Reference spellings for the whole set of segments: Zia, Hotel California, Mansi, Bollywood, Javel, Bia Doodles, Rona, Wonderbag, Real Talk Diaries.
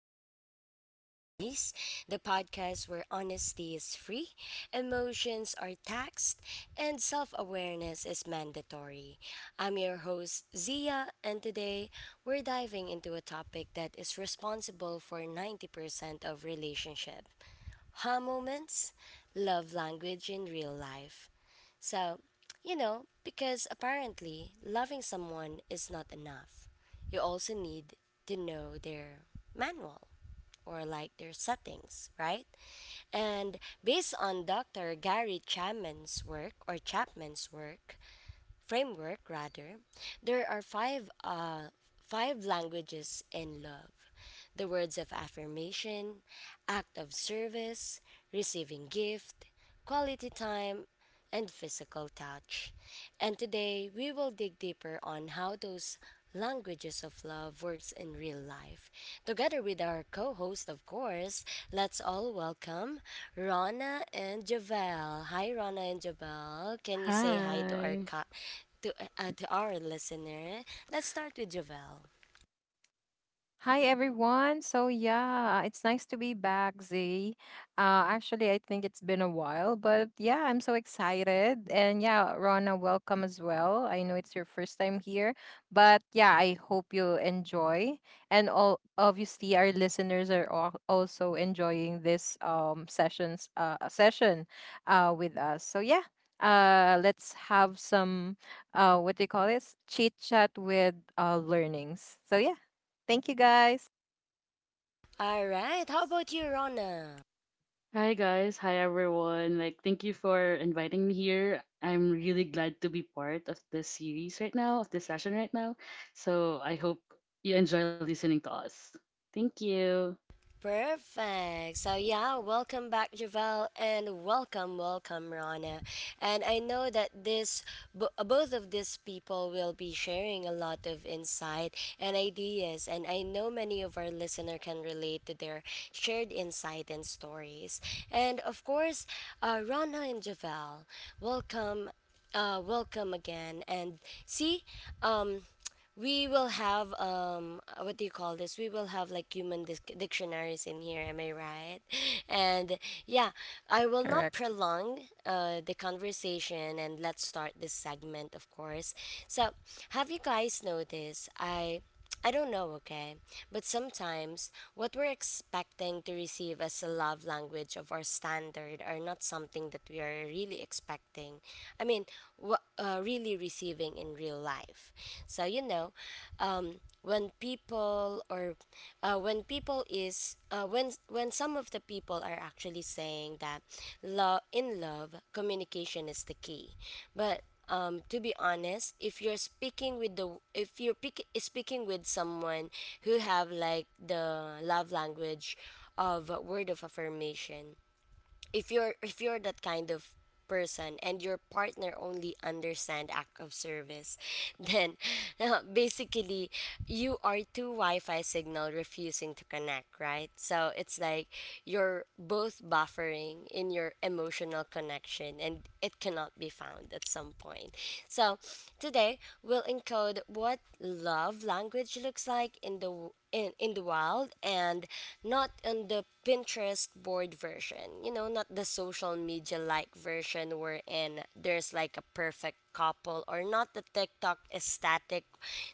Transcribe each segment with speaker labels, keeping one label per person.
Speaker 1: Real Talk Diaries, the podcast where honesty is free, emotions are taxed, and self awareness is mandatory. I'm your host, Zia, and today we're diving into a topic that is responsible for 90% of relationship. Ha moments, love language in real life. So, because apparently loving someone is not enough. You also need to know their manual or like their settings, right? And based on Dr. Gary Chapman's work or Chapman's work, framework rather, there are five languages in love. The words of affirmation, act of service, receiving gift, quality time, and physical touch. And today we will dig deeper on how those Languages of Love works in real life. Together with our co host, of course, let's all welcome Rona and Javel. Hi, Rona and Javel. Can you say hi to our, co-
Speaker 2: Hi.
Speaker 1: to, to our listener? Let's start with Javel.
Speaker 3: Hi everyone. It's nice to be back, Z. Actually, I think it's been a while, but I'm so excited. And Rona, welcome as well. I know it's your first time here, but I hope you enjoy. And all obviously, our listeners are also enjoying this sessions session with us. So let's have some what do you call this, chit chat with learnings. So yeah. Thank you guys.
Speaker 1: All right, how about you, Rona?
Speaker 2: Hi guys. Hi everyone. Like thank you for inviting me here. I'm really glad to be part of this series right now, of this session right now. So I hope you enjoy listening to us. Thank you.
Speaker 1: Perfect. So yeah, welcome back, Javel, and welcome, welcome, Rana. And I know that this, both of these people will be sharing a lot of insight and ideas, and I know many of our listener can relate to their shared insight and stories. And of course, Rana and Javel, welcome, welcome again. And see, um we will have what do you call this, we will have like human dictionaries in here, am I right? And yeah, I will
Speaker 3: Correct.
Speaker 1: not prolong the conversation, and let's start this segment, of course. So have you guys noticed, I don't know, okay? But sometimes what we're expecting to receive as a love language of our standard are not something that we are really expecting. I mean, what really receiving in real life. So, when people or when people is when some of the people are actually saying that love in love communication is the key, but to be honest, if you're speaking with the if you're pick, speaking with someone who have like the love language of word of affirmation, if you're that kind of person and your partner only understand act of service, then basically you are two wi-fi signal refusing to connect, right? So it's like you're both buffering in your emotional connection and it cannot be found at some point. So today we'll encode what love language looks like in the in the wild, and not on the Pinterest board version, not the social media like version wherein there's like a perfect couple, or not the TikTok aesthetic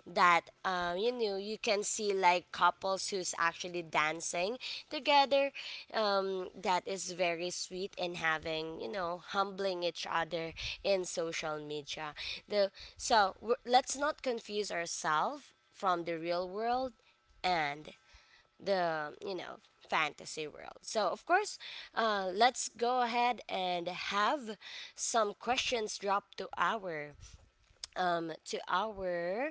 Speaker 1: that, you can see like couples who's actually dancing together, that is very sweet and having, humbling each other in social media. The so we, let's not confuse ourselves from the real world and the fantasy world. So of course, let's go ahead and have some questions drop to our, to our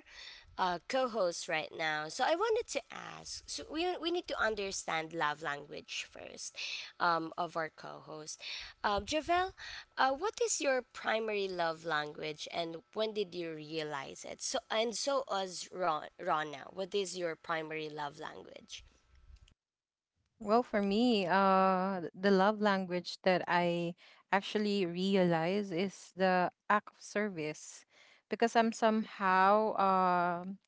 Speaker 1: co-host right now. So I wanted to ask, so we need to understand love language first, of our co-host. Javel, what is your primary love language, and when did you realize it? So, and so as ron now what is your primary love language?
Speaker 3: Well, for me, the love language that I actually realize is the act of service because I'm somehow,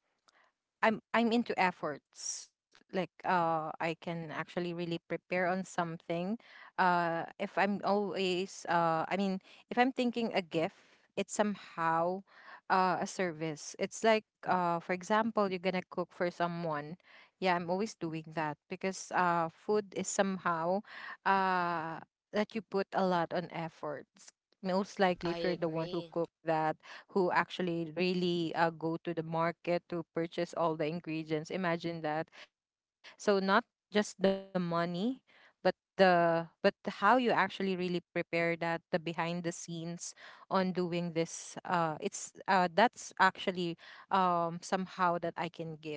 Speaker 3: I'm into efforts. Like I can actually really prepare on something. If I'm always, if I'm thinking a gift, it's somehow a service. It's like, for example, you're gonna cook for someone. Yeah, I'm always doing that because food is somehow uh that you put a lot on efforts. Most likely
Speaker 1: I
Speaker 3: if you're the one who
Speaker 1: agree.
Speaker 3: cooked that, who actually really, go to the market to purchase all the ingredients. Imagine that. So not just the money, but how you actually really prepare that, the behind the scenes on doing this it's that's actually, somehow that I can give.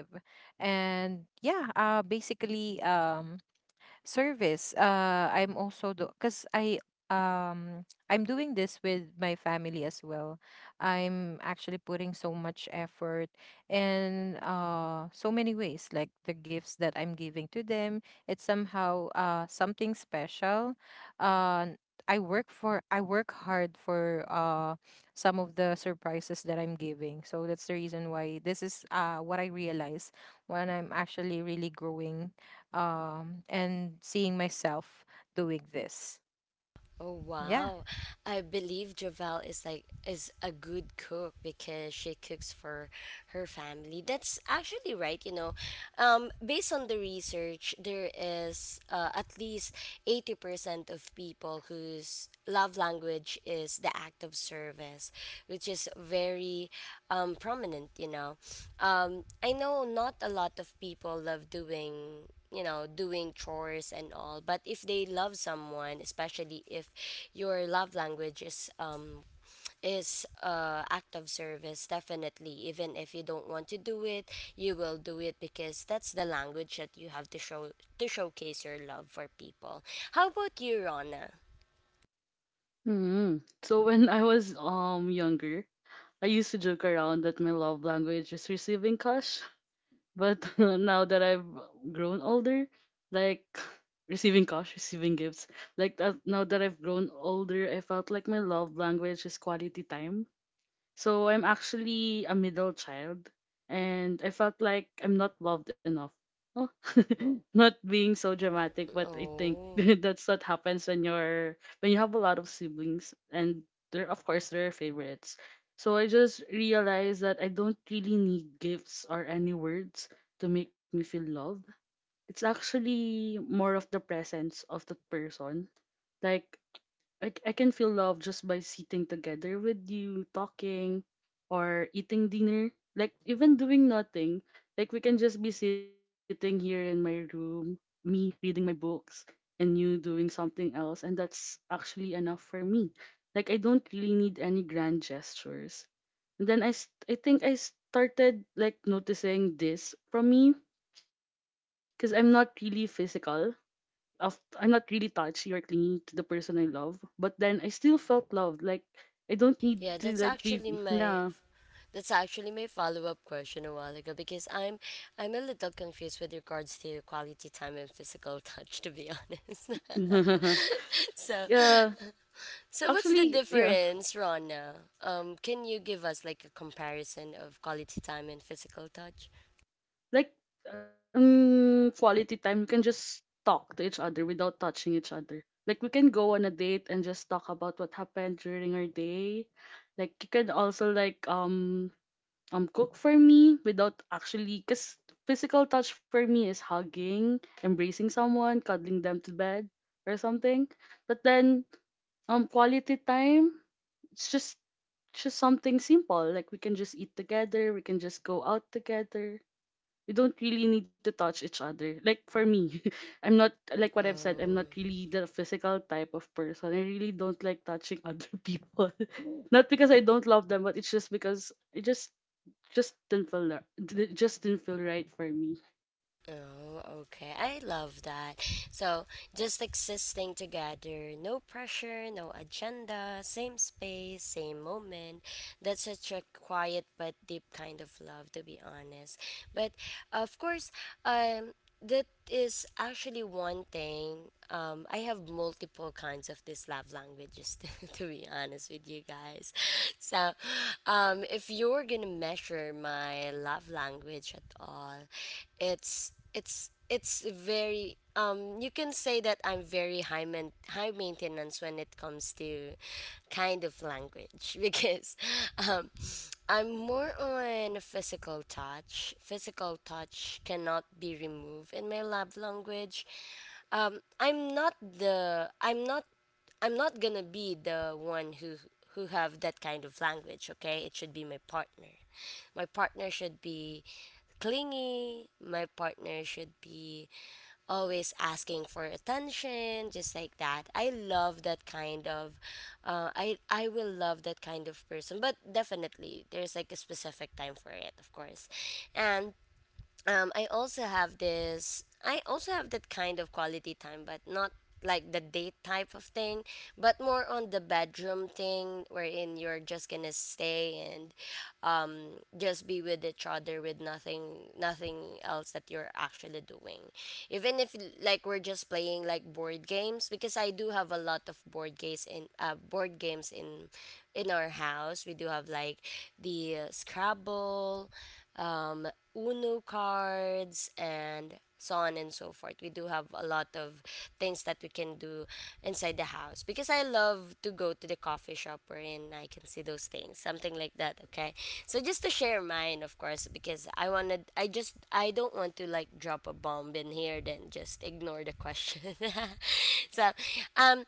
Speaker 3: And basically, service, I'm also do because um I'm doing this with my family as well. I'm actually putting so much effort in, so many ways like the gifts that I'm giving to them. It's somehow something special. Uh i work for i work hard for some of the surprises that I'm giving, so that's the reason why this is what I realize when I'm actually really growing, and seeing myself doing this.
Speaker 1: Oh
Speaker 3: Yeah.
Speaker 1: wow. I believe Javel is like is a good cook because she cooks for her family. That's actually right, you know. Um, based on the research, there is at least 80% of people whose love language is the act of service, which is very prominent, you know. Um, I know not a lot of people love doing, you know, doing chores and all, but if they love someone, especially if your love language is act of service, definitely even if you don't want to do it, you will do it, because that's the language that you have to show, to showcase your love for people. How about you, Rona?
Speaker 2: Hmm. So when I was younger, I used to joke around that my love language is receiving cash. But now that I've grown older, like receiving cash, receiving gifts, like that, now that I've grown older, I felt like my love language is quality time. So I'm actually a middle child and I felt like I'm not loved enough. Oh, not being so dramatic, but I think
Speaker 1: Oh,
Speaker 2: that's what happens when you have a lot of siblings and they're, of course, they are favorites. So I just realized that I don't really need gifts or any words to make me feel loved. It's actually more of the presence of the person. Like I can feel love just by sitting together with you, talking, or eating dinner. Like, even doing nothing. Like, we can just be sitting here in my room, me reading my books, and you doing something else. And that's actually enough for me. Like, I don't really need any grand gestures. And then I think I started, like, noticing this from me because I'm not really physical of I'm not really touchy or clingy to the person I love, but then I still felt loved. Like I don't need
Speaker 1: yeah,
Speaker 2: to like be. Yeah.
Speaker 1: that's actually my follow-up question a while ago, because I'm a little confused with regards to quality time and physical touch, to be honest. So,
Speaker 2: Yeah.
Speaker 1: so what's the
Speaker 2: Actually, yeah,
Speaker 1: difference, Rona? Um, can you give us like a comparison of quality time and physical touch?
Speaker 2: like quality time. We can just talk to each other without touching each other. Like we can go on a date and just talk about what happened during our day. Like you can also like cook for me without actually, because physical touch for me is hugging, embracing someone, cuddling them to bed or something. But then, quality time, it's just something simple, like we can just eat together, we can just go out together. We don't really need to touch each other. Like for me, I'm not, like what I've said, I'm not
Speaker 1: Oh.
Speaker 2: really the physical type of person. I really don't like touching other people, not because I don't love them, but it's just because I just didn't feel ri- d- just didn't feel right for me.
Speaker 1: Oh, okay. I love that. So, just existing together, no pressure, no agenda, same space, same moment. That's such a quiet but deep kind of love, to be honest. But of course, um, that is actually one thing. I have multiple kinds of these love languages, to be honest with you guys. So, if you're gonna measure my love language at all, it's very, you can say that I'm very high maintenance when it comes to kind of language, because um I'm more on physical touch. Physical touch cannot be removed in my love language. Um, I'm not, I'm not gonna be the one who have that kind of language, okay? It should be my partner. My partner should be clingy. My partner should be always asking for attention, just like that. I love that kind of I will love that kind of person. But definitely there's like a specific time for it, of course. And I also have this, I also have that kind of quality time, but not like the date type of thing, but more on the bedroom thing wherein you're just gonna stay and, just be with each other with nothing else that you're actually doing, even if like we're just playing like board games because I do have a lot of board games in, in our house. We do have like the scrabble, um, Uno cards, and so on and so forth. We do have a lot of things that we can do inside the house, because I love to go to the coffee shop wherein I can see those things, something like that. Okay, so just to share mine, of course, because I wanted, I don't want to like drop a bomb in here, then just ignore the question. so, um,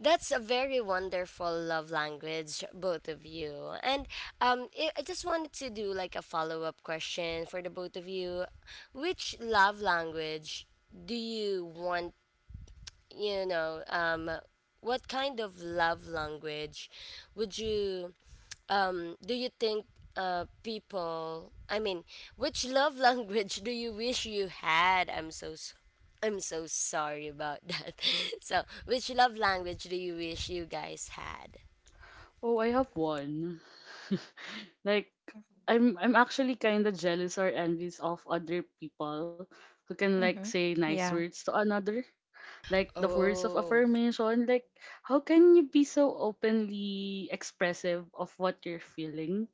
Speaker 1: that's a very wonderful love language, both of you. And I just wanted to do like a follow up question for the both of you. Which love language do you want, you know, um, what kind of love language would you, do you think, people, I mean, which love language do you wish you had? I'm so sorry about that. So, which love language do you wish you guys had?
Speaker 2: Oh, I have one. Like I'm actually kind of jealous or envious of other people who can like
Speaker 3: Mm-hmm.
Speaker 2: say nice
Speaker 3: Yeah.
Speaker 2: words to another, like the words of
Speaker 1: Oh,
Speaker 2: affirmation. Like how can you be so openly expressive of what you're feeling?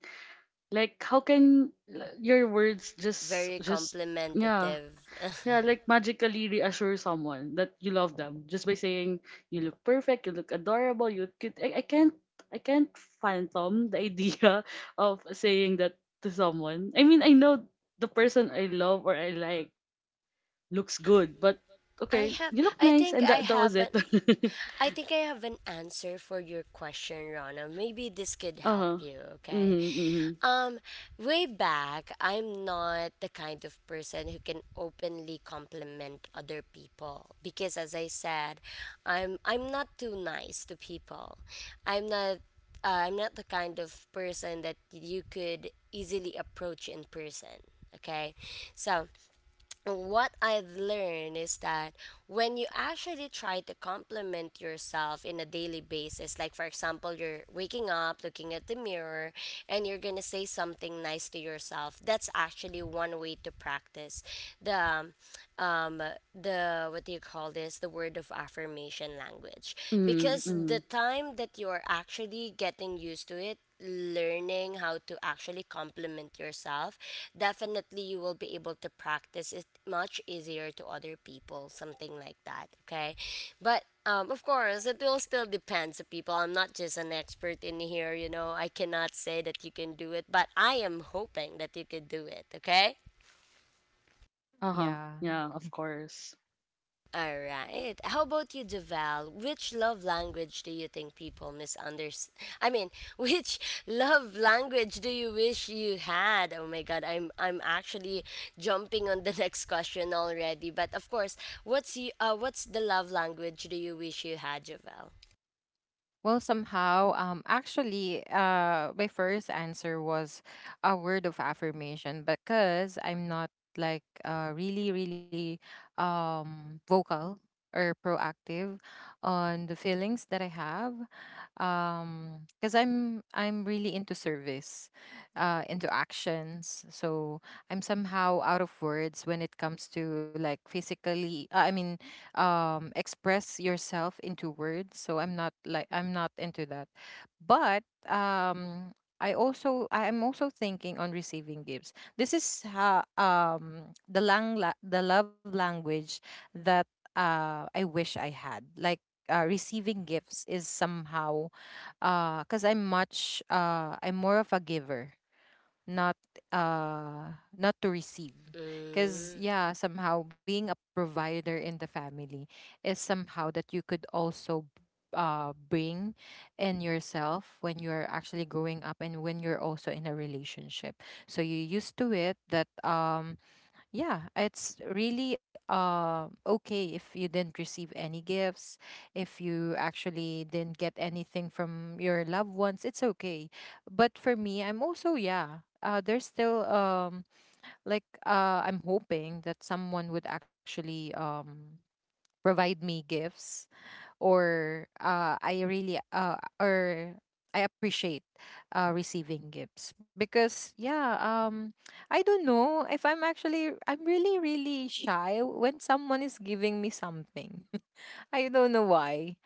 Speaker 2: Like your words
Speaker 1: very
Speaker 2: just yeah
Speaker 1: complimentative.
Speaker 2: yeah like magically reassure someone that you love them just by saying you look perfect, you look adorable, you look cute. I can't, I can't phantom the idea of saying that to someone. I mean, I know the person I love or I like looks good, but okay, you look nice,
Speaker 1: I
Speaker 2: and that
Speaker 1: think
Speaker 2: that
Speaker 1: I
Speaker 2: was it.
Speaker 1: haven't. I think I have an answer for your question, Rana. Maybe this could help
Speaker 2: Uh-huh.
Speaker 1: you, okay?
Speaker 2: Mm-hmm, mm-hmm,
Speaker 1: Um, way back, I'm not the kind of person who can openly compliment other people, because as I said, I'm not too nice to people. I'm not, I'm not the kind of person that you could easily approach in person, okay? So, what I've learned is that when you actually try to compliment yourself in a daily basis, like for example, you're waking up, looking at the mirror, and you're gonna say something nice to yourself, that's actually one way to practice the, um, the what do you call this? The word of affirmation language,
Speaker 2: mm-hmm,
Speaker 1: because the
Speaker 2: mm-hmm.
Speaker 1: time that you're actually getting used to it, learning how to actually compliment yourself, definitely you will be able to practice it much easier to other people, something like that. Okay. But of course, it will still depend to people. I'm not just an expert in here, you know. I cannot say that you can do it, but I am hoping that you could do it. Okay.
Speaker 2: Uh-huh,
Speaker 3: Yeah.
Speaker 2: yeah, of course.
Speaker 1: All right. How about you, Javel? Which love language do you think people misunderstand? I mean, which love language do you wish you had? Oh my God, I'm actually jumping on the next question already. But of course, what's the love language do you wish you had, Javel?
Speaker 3: Well, somehow, my first answer was a word of affirmation because I'm not like really, really, vocal or proactive on the feelings that I have. Because I'm really into service, into actions. So I'm somehow out of words when it comes to like physically. I mean, express yourself into words. So I'm not like I'm not into that. But um, I am also thinking on receiving gifts. This is ha the lang la- the love language that I wish I had. Like, receiving gifts is somehow, because I'm more of a giver, not, uh not to receive, because
Speaker 1: Mm,
Speaker 3: yeah, somehow being a provider in the family is somehow that you could also bring in yourself when you're actually growing up and when you're also in a relationship. So you used to it that, yeah, it's really okay, if you didn't receive any gifts, if you actually didn't get anything from your loved ones, it's okay. But for me, I'm also, there's still, I'm hoping that someone would actually, provide me gifts. Or I really, or I appreciate, receiving gifts because I don't know if I'm actually, I'm really really shy when someone is giving me something. I don't know why,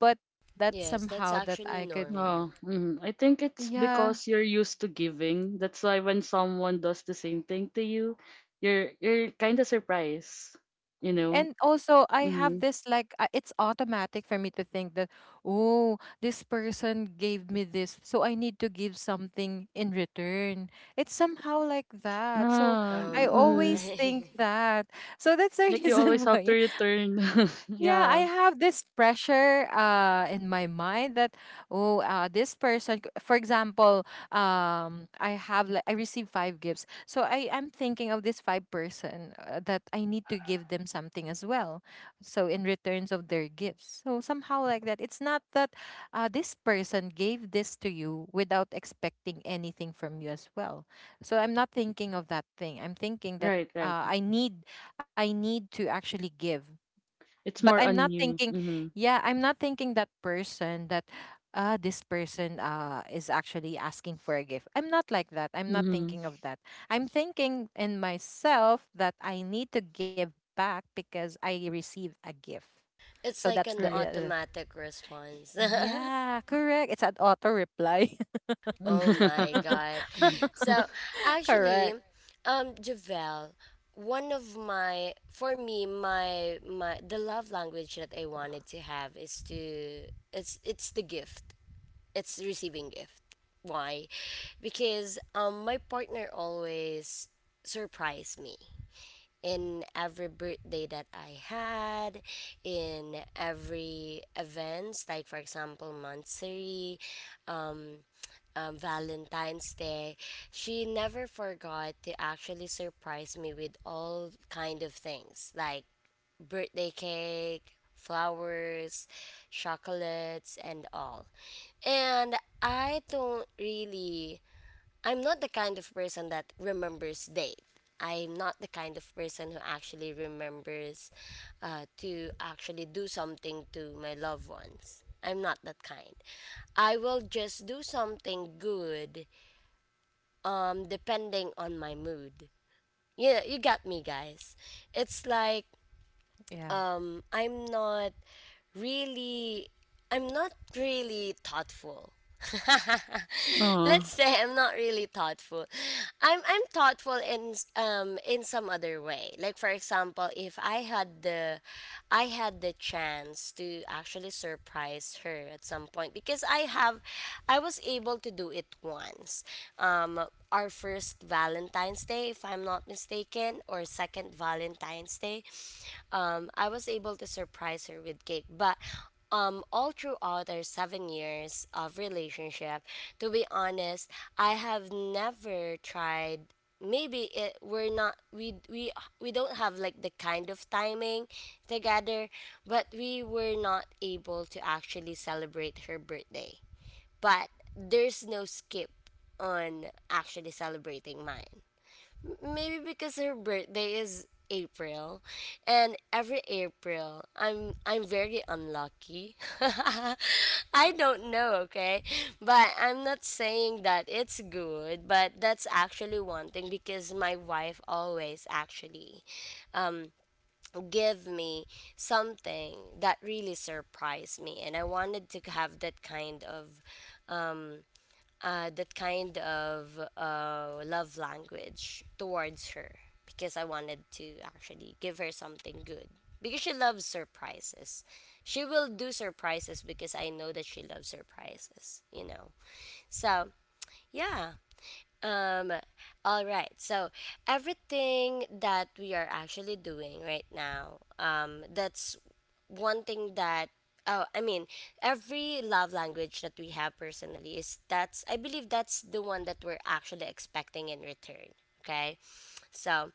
Speaker 3: but that's
Speaker 1: yes, that's
Speaker 3: somehow that
Speaker 1: actually
Speaker 3: I could.
Speaker 1: normal.
Speaker 2: Oh, mhm. I think it's
Speaker 3: Yeah.
Speaker 2: because you're used to giving. That's why when someone does the same thing to you, you're kind of surprised, you know.
Speaker 3: And also, I have
Speaker 2: Mm-hmm.
Speaker 3: this like, it's automatic for me to think that, oh, this person gave me this, so I need to give something in return. It's somehow like that. So
Speaker 2: Ah,
Speaker 1: Oh
Speaker 3: I
Speaker 2: mm-hmm.
Speaker 3: always
Speaker 1: my.
Speaker 3: think that. So that's the
Speaker 2: Like you always
Speaker 3: reason
Speaker 2: have to
Speaker 3: why,
Speaker 2: return.
Speaker 3: yeah, I
Speaker 2: Yeah,
Speaker 3: have this pressure in my mind that, oh, this for example, I have like I received five gifts, so I'm thinking of this five person, that I need to give them something as well, so in returns of their gifts. So somehow like that. It's not that, this person gave this to you without expecting anything from you as well. So I'm not thinking of that thing. I'm thinking that,
Speaker 2: right, right.
Speaker 3: I need, I need to actually give.
Speaker 2: It's
Speaker 3: But
Speaker 2: more
Speaker 3: I'm
Speaker 2: on
Speaker 3: not
Speaker 2: you.
Speaker 3: thinking,
Speaker 2: Mm-hmm.
Speaker 3: yeah, I'm not thinking that person, that, this person, is actually asking for a gift. I'm not like that. I'm not
Speaker 2: Mm-hmm.
Speaker 3: thinking of that. I'm thinking in myself that I need to give back because I received a gift. So
Speaker 1: It's
Speaker 3: that's
Speaker 1: like
Speaker 3: the,
Speaker 1: an
Speaker 2: Right.
Speaker 1: automatic response.
Speaker 3: yeah, correct, it's an auto reply.
Speaker 1: Oh my god. So actually,
Speaker 3: Correct.
Speaker 1: Javel, one of my for me, my the love language that I wanted to have is to, it's the gift. It's receiving gift. Why? Because my partner always surprised me in every birthday that I had, in every events, like for example, monthsary, um, Valentine's Day, she never forgot to actually surprise me with all kind of things like birthday cake, flowers, chocolates, and all. And I don't really I'm not the kind of person that remembers date. I'm not the kind of person who actually remembers, to actually do something to my loved ones. I'm not that kind. I will just do something good, depending on my mood. Yeah, you got me, guys. It's like
Speaker 3: Yeah.
Speaker 1: I'm not really I'm not really thoughtful.
Speaker 2: Oh.
Speaker 1: Let's say I'm not really thoughtful. I'm thoughtful in in some other way. Like for example, if I had the I had the chance to actually surprise her at some point because I was able to do it once. Um our first Valentine's Day, if I'm not mistaken, or second Valentine's Day. I was able to surprise her with cake, but all throughout our 7 years of relationship, to be honest, I have never tried. Maybe it we're not we we we don't have like the kind of timing together, but we were not able to actually celebrate her birthday. But there's no skip on actually celebrating mine. Maybe because her birthday is April, and every April I'm very unlucky. I don't know, okay? But I'm not saying that it's good, but that's actually one thing because my wife always actually give me something that really surprised me, and I wanted to have um that kind of love language towards her because I wanted to actually give her something good because she loves surprises. She will do surprises because I know that she loves surprises. So, yeah, um, all right. So everything that we are actually doing right now, that's one thing that oh, I mean, every love language that we have personally is that's I believe that's the one that we're actually expecting in return. Okay, so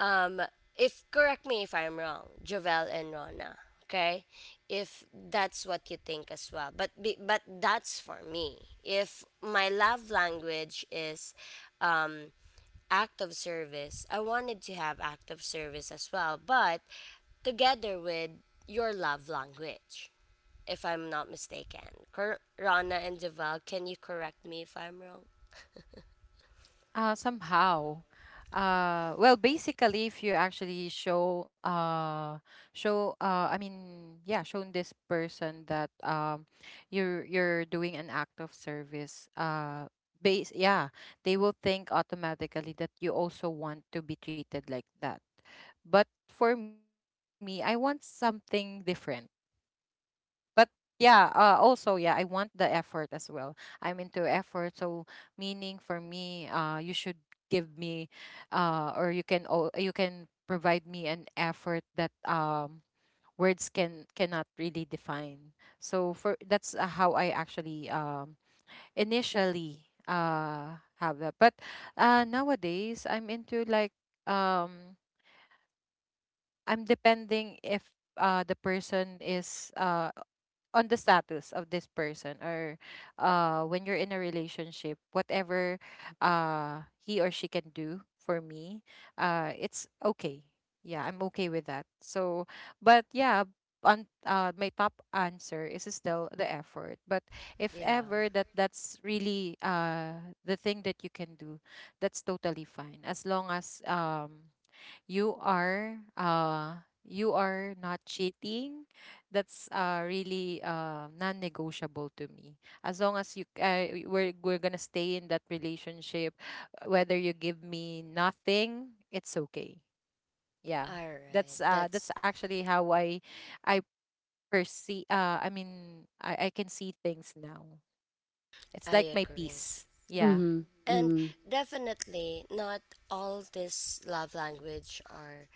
Speaker 1: um, if correct me if I'm wrong, Jovel and Rona. Okay, if that's what you think as well, but that's for me. If my love language is um, act of service, I wanted to have act of service as well, but together with your love language, if I'm not mistaken. Rana and Jovel, can you correct me if I'm wrong?
Speaker 3: Somehow. Well, basically, if you actually shown this person that, you're doing an act of service. Base, yeah, they will think automatically that you also want to be treated like that. But for me, I want something different. But yeah, I want the effort as well. I'm into effort. So meaning for me, you should give me, or you can you can provide me an effort that, words cannot really define. So for that's, how I actually, initially have that. But nowadays I'm into like, um I'm depending if, the person is, on the status of this person, or when you're in a relationship, whatever he or she can do for me, it's okay. Yeah, I'm okay with that. So, but yeah, on, my top answer is still the effort. But if
Speaker 1: Yeah.
Speaker 3: ever that that's really, the thing that you can do, that's totally fine as long as, you are, you are not cheating. That's, really, non-negotiable to me. As long as you, we're going to stay in that relationship, whether you give me nothing, it's okay. Yeah.
Speaker 1: All right.
Speaker 3: That's,
Speaker 1: That's
Speaker 3: that's actually how I perceive, I can see things now. It's
Speaker 1: I
Speaker 3: like my
Speaker 1: agree.
Speaker 3: peace. Yeah.
Speaker 2: Mm-hmm.
Speaker 1: And
Speaker 2: Mm-hmm.
Speaker 1: definitely not all this love language are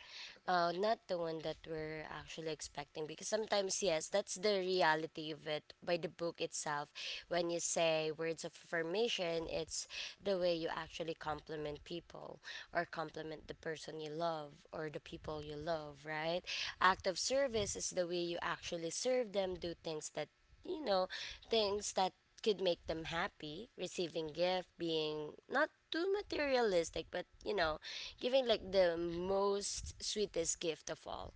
Speaker 1: uh, not the one that we're actually expecting, because sometimes yes, that's the reality of it by the book itself. When you say words of affirmation, it's the way you actually compliment people, or compliment the person you love or the people you love, right? Act of service is the way you actually serve them, do things that, you know, things that could make them happy, receiving gift, being not too materialistic, but you know, giving like the most sweetest gift of all.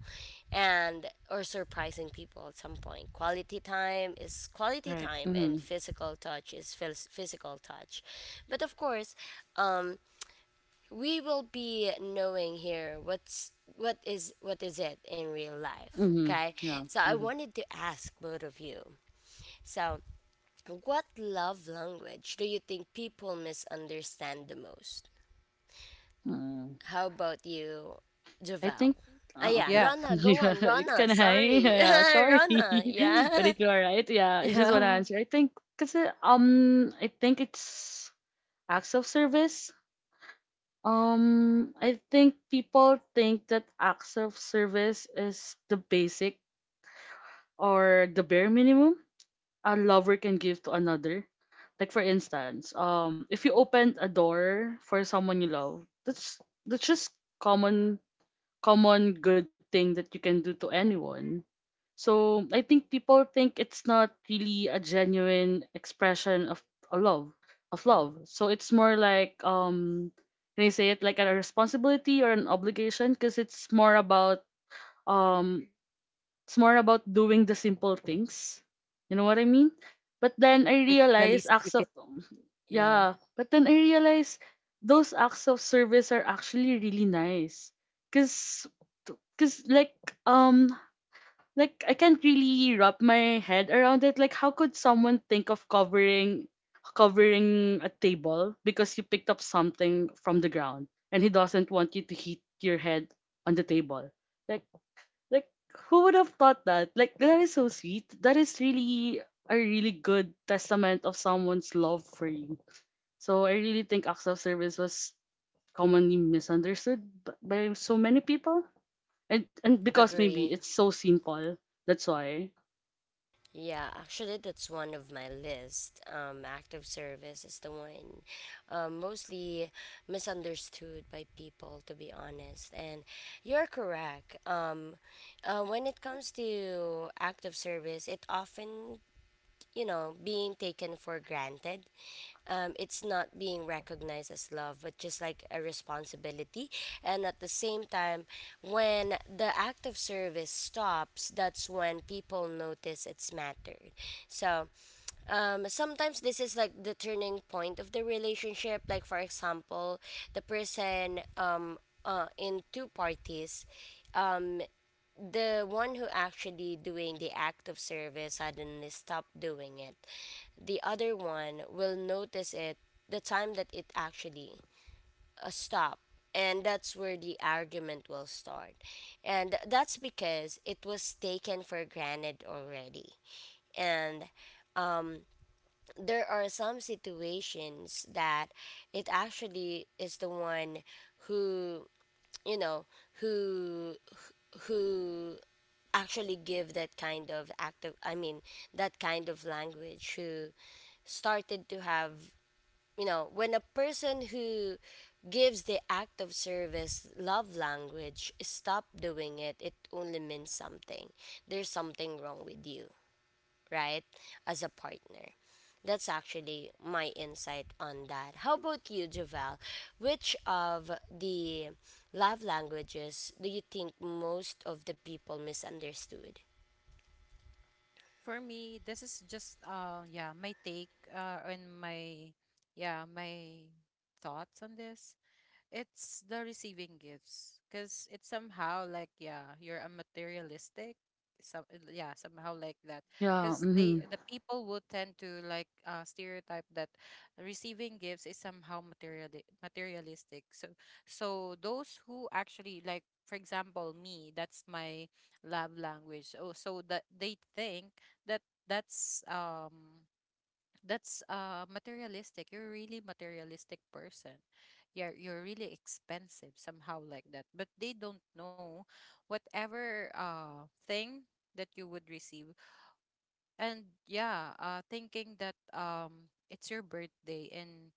Speaker 1: And or surprising people at some point. Quality time is quality
Speaker 2: Right.
Speaker 1: time, and
Speaker 2: Mm-hmm.
Speaker 1: physical touch is physical touch. But of course, um we will be knowing here what's what is it in real life,
Speaker 2: Mm-hmm.
Speaker 1: okay?
Speaker 2: Yeah.
Speaker 1: So I
Speaker 2: Mm-hmm.
Speaker 1: wanted to ask both of you. So, what love language do you think people misunderstand the most?
Speaker 2: Mm-hmm.
Speaker 1: How about you,
Speaker 2: I
Speaker 1: Javel?
Speaker 2: think
Speaker 1: Ah,
Speaker 2: ah,
Speaker 1: yeah,
Speaker 2: okay.
Speaker 3: Yeah.
Speaker 1: Rana, go
Speaker 2: Yeah,
Speaker 1: on. Rana,
Speaker 2: can I?
Speaker 1: sorry.
Speaker 2: Yeah, sorry.
Speaker 1: Rana,
Speaker 2: But
Speaker 1: yeah.
Speaker 2: it's all right. Yeah, I just want to answer.
Speaker 3: Yeah,
Speaker 2: I think because I think it's acts of service. I think people think that acts of service is the basic or the bare minimum a lover can give to another. Like for instance, if you opened a door for someone you love, that's just common common good thing that you can do to anyone. So I think people think it's not really a genuine expression of a love of love. So it's more like, can I say it like a responsibility or an obligation, because um it's more about doing the simple things. You know what I mean? But then I
Speaker 3: like the
Speaker 2: realize
Speaker 3: least
Speaker 2: acts
Speaker 3: you
Speaker 2: of
Speaker 3: can.
Speaker 2: yeah,
Speaker 3: Yeah.
Speaker 2: but then I realize those acts of service are actually really nice. Cause because um like I can't really wrap my head around it. Like how could someone think of covering a table because you picked up something from the ground and he doesn't want you to hit your head on the table. Like like who would have thought that? Like that is so sweet. That is really a really good testament of someone's love for you. So I really think acts of service was commonly misunderstood by so many people. And because maybe
Speaker 1: Agree.
Speaker 2: it's so simple. That's why.
Speaker 1: Yeah, actually, that's one of my list. Active service is the one, mostly misunderstood by people, to be honest. And you're correct. When it comes to active service, it often, you know, being taken for granted. It's not being recognized as love, but just like a responsibility. And at the same time, when the act of service stops, that's when people notice it's mattered. So, sometimes this is like the turning point of the relationship. Like, for example, the person, in two parties. Um, the one who actually doing the act of service suddenly stop doing it, the other one will notice it the time that it actually, stop, and that's where the argument will start, and that's because it was taken for granted already. And there are some situations that it actually is the one who, you know, who who actually give that kind of active, I mean, that kind of language, who started to have, you know, when a person who gives the act of service love language stop doing it, it only means something. There's something wrong with you, right? As a partner. That's actually my insight on that. How about you, javel? Which of the love languages do you think most of the people misunderstood?
Speaker 3: For me, this is just my take and my thoughts on this. It's the receiving gifts because it's somehow like, yeah, you're a materialistic. Some, somehow like that,
Speaker 2: Yeah,
Speaker 3: because they,
Speaker 2: mhm.
Speaker 3: the people would tend to like, stereotype that receiving gifts is somehow materialistic. So, so those who actually, like for example me, that's my love language. Oh, so that they think that, that's, materialistic, you're a really materialistic person, you're really expensive, somehow like that. But they don't know whatever thing that you would receive. And thinking that, it's your birthday, and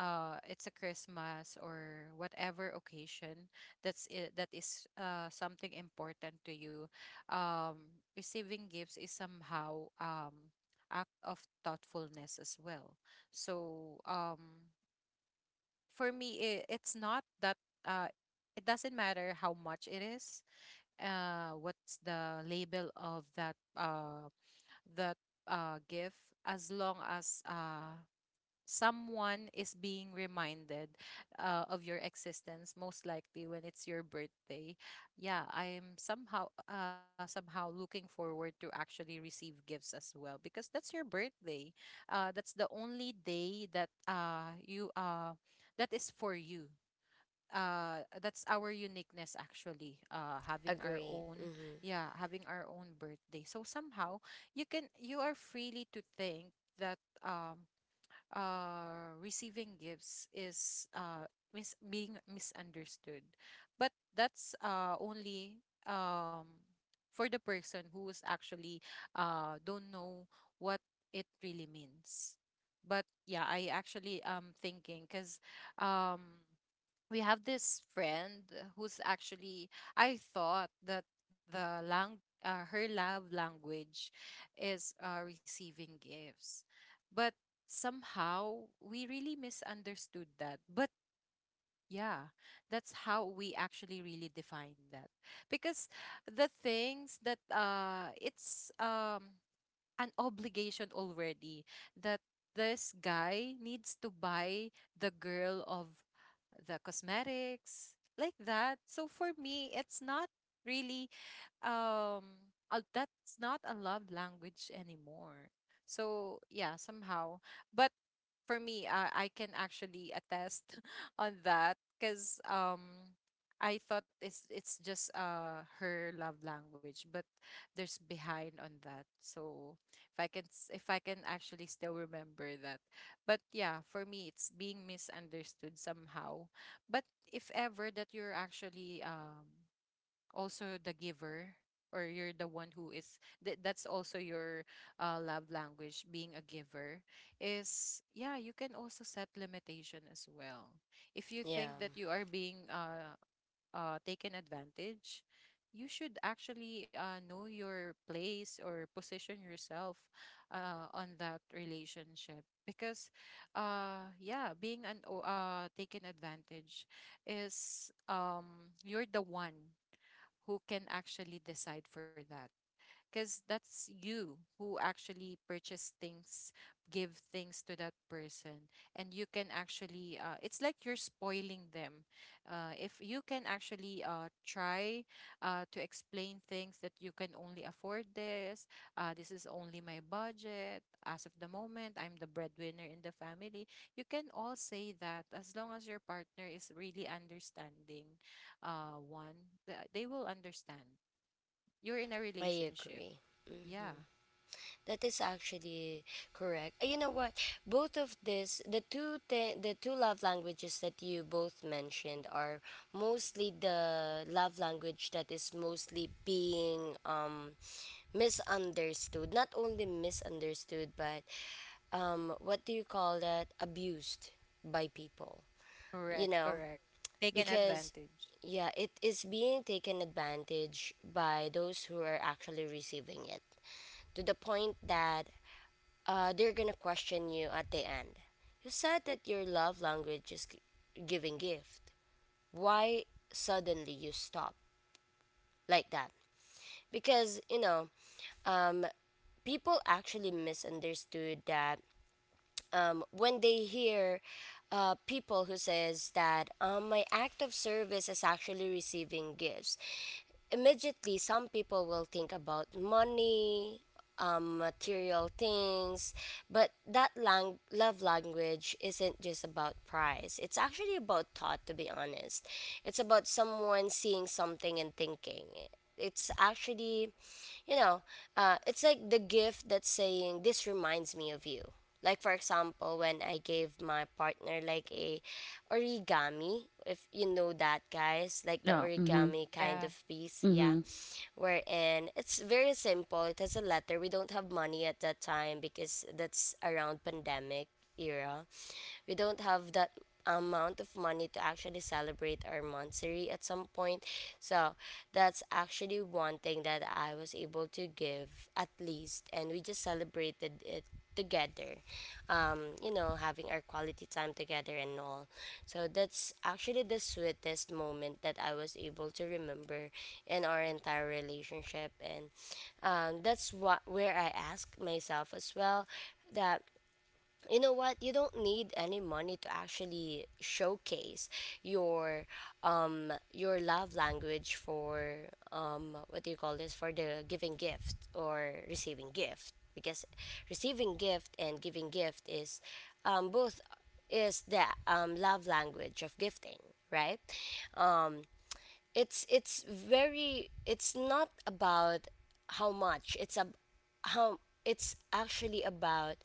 Speaker 3: it's a Christmas or whatever occasion, that is, something important to you. Receiving gifts is somehow, act of thoughtfulness as well. So, for me, it, it's not that, uh it doesn't matter how much it is, what's the label of that the gift. As long as, someone is being reminded, of your existence, most likely when it's your birthday. Yeah, I'm somehow, somehow looking forward to actually receive gifts as well, because that's your birthday, that's the only day that, you that is for you. That's our uniqueness, actually, having our
Speaker 1: Agree.
Speaker 3: own,
Speaker 1: Hmm.
Speaker 3: yeah, having our own birthday. So somehow you can, you are freely to think that, um receiving gifts is, being misunderstood. But that's, only, um for the person who is actually, don't know what it really means. But yeah, I actually am thinking because, um we have this friend who's actually, I thought that the lang her love language is, receiving gifts, but somehow we really misunderstood that. But yeah, that's how we actually really define that, because the things that, it's, an obligation already, that this guy needs to buy the girl of the cosmetics, like that. So for me, it's not really, um that's not a love language anymore. So yeah, somehow. But for me, I can actually attest on that because, I thought it's just her love language, but there's behind on that. So if I can if I can actually still remember that. But yeah, for me, it's being misunderstood somehow. But if ever that you're actually, also the giver, or you're the one who is that's also your, love language, being a giver, is, yeah, you can also set limitation as well. If you
Speaker 1: Yeah,
Speaker 3: think that you are being, taken advantage, you should actually, know your place or position yourself, on that relationship. Because, yeah, being an taken advantage is, you're the one who can actually decide for that, because that's you who actually purchase things, give things to that person, and you can actually, it's like you're spoiling them. If you can actually, try, to explain things that you can only afford this, this is only my budget. As of the moment, I'm the breadwinner in the family. You can all say that as long as your partner is really understanding, they will understand. You're in a
Speaker 1: I
Speaker 3: relationship.
Speaker 1: agree.
Speaker 3: Yeah,
Speaker 1: Mhm. That is actually correct. You know what? Both of this, the two love languages that you both mentioned are mostly the love language that is mostly being misunderstood. Not only misunderstood, but um, what do you call that? Abused by people.
Speaker 3: correct,
Speaker 1: You know,
Speaker 3: correct. Taken
Speaker 1: because
Speaker 3: advantage.
Speaker 1: yeah, it is being taken advantage by those who are actually receiving it, to the point that, they're gonna question you at the end. You said that your love language is giving gift, why suddenly you stop, like that. Because you know, um, people actually misunderstood that, when they hear, people who says that, my act of service is actually receiving gifts, immediately some people will think about money, material things. But that love language isn't just about price, it's actually about thought, to be honest. It's about someone seeing something and thinking, it's actually, you know, it's like the gift that's saying this reminds me of you. Like for example, when I gave my partner like a origami, if you know that, guys, like the
Speaker 2: Yeah, mhm.
Speaker 1: origami kind
Speaker 3: Yeah,
Speaker 1: of piece, yeah,
Speaker 2: Mhm.
Speaker 1: wherein it's very simple, it has a letter. We don't have money at that time because that's around pandemic era. We don't have that amount of money to actually celebrate our monthsary at some point. So that's actually one thing that I was able to give at least, and we just celebrated it together, you know, having our quality time together and all. So that's actually the sweetest moment that I was able to remember in our entire relationship, and that's what where I asked myself as well, that you know what, you don't need any money to actually showcase your your love language for, um, what do you call this, for the giving gift or receiving gift, because receiving gift and giving gift is both is the love language of gifting, right? It's very, it's not about how much, it's a how, it's actually about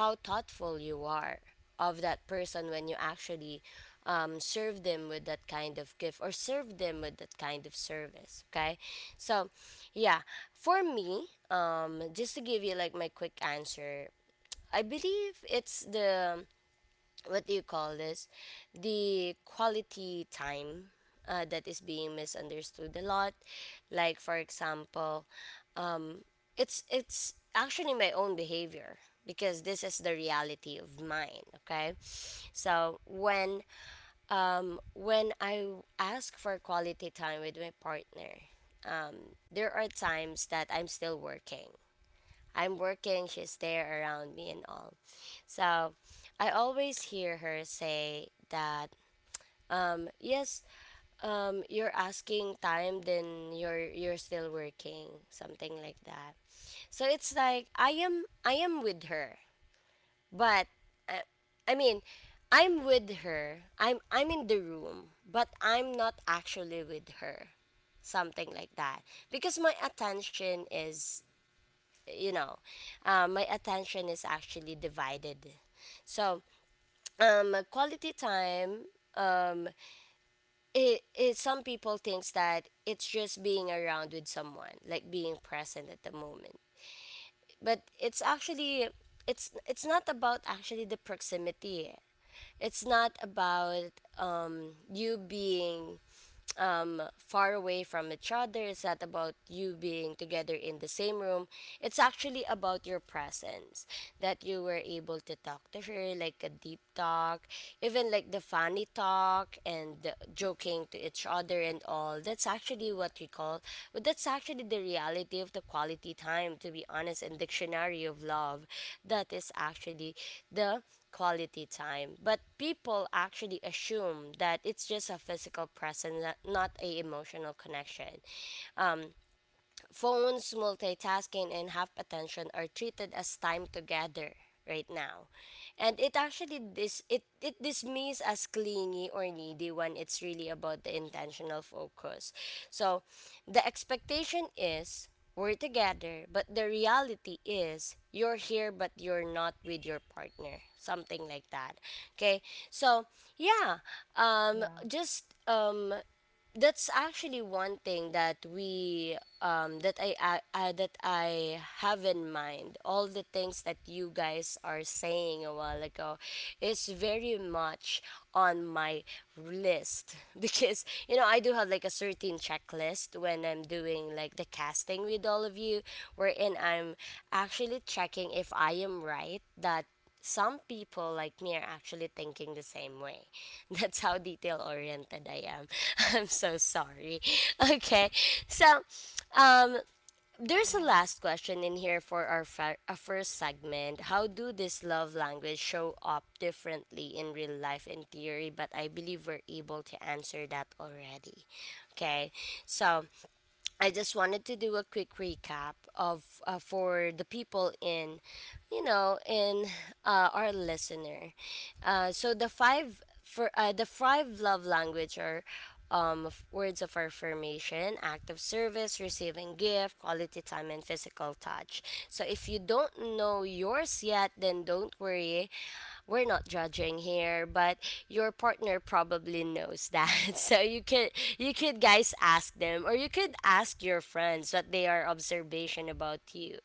Speaker 1: how thoughtful you are of that person when you actually, serve them with that kind of gift or serve them with that kind of service, okay? So yeah, for me, just to give you like my quick answer, I believe it's the, what do you call this, the quality time, that is being misunderstood a lot. Like for example, it's actually my own behavior because this is the reality of mine, okay? So when I ask for quality time with my partner, there are times that I'm still working, I'm working, she's there around me and all. So I always hear her say that, yes, you're asking time, then you're still working, something like that. So it's like I am with her, but I, I mean, I'm with her. I'm in the room, but I'm not actually with her, something like that. Because my attention is, you know, my attention is actually divided. So, quality time. Um, it some people thinks that it's just being around with someone, like being present at the moment, but it's actually, it's not about actually the proximity, it's not about you being, far away from each other. It's not about you being together in the same room. It's actually about your presence, that you were able to talk to her, like a deep talk, even like the funny talk and the joking to each other and all. That's actually what we call, but that's actually the reality of the quality time, to be honest, in Dictionary of Love. That is actually the quality time. But people actually assume that it's just a physical presence, not a emotional connection. Um, phones, multitasking, and half attention are treated as time together right now. And it actually it dismissed as clingy or needy when it's really about the intentional focus. So the expectation is we're together, but the reality is you're here but you're not with your partner. Something like that. Okay. So yeah. Um
Speaker 3: yeah,
Speaker 1: just um that's actually one thing that we um, that I that I have in mind. All the things that you guys are saying a while ago is very much on my list. Because you know, I do have like a certain checklist when I'm doing like the casting with all of you, wherein I'm actually checking if I am right, that some people like me are actually thinking the same way. That's how detail oriented I am. I'm so sorry. Okay. So, um there's a
Speaker 3: yeah,
Speaker 1: last question in here for our first segment. How do this love language show up differently in real life in theory, but I believe we're able to answer that already. Okay. So, I just wanted to do a quick recap of for the people in our listener. So the five for the five love language are words of affirmation, act of service, receiving gift, quality time, and physical touch. So if you don't know yours yet, then don't worry, we're not judging here, but your partner probably knows that. So you could guys ask them or you could ask your friends what they are observation about you.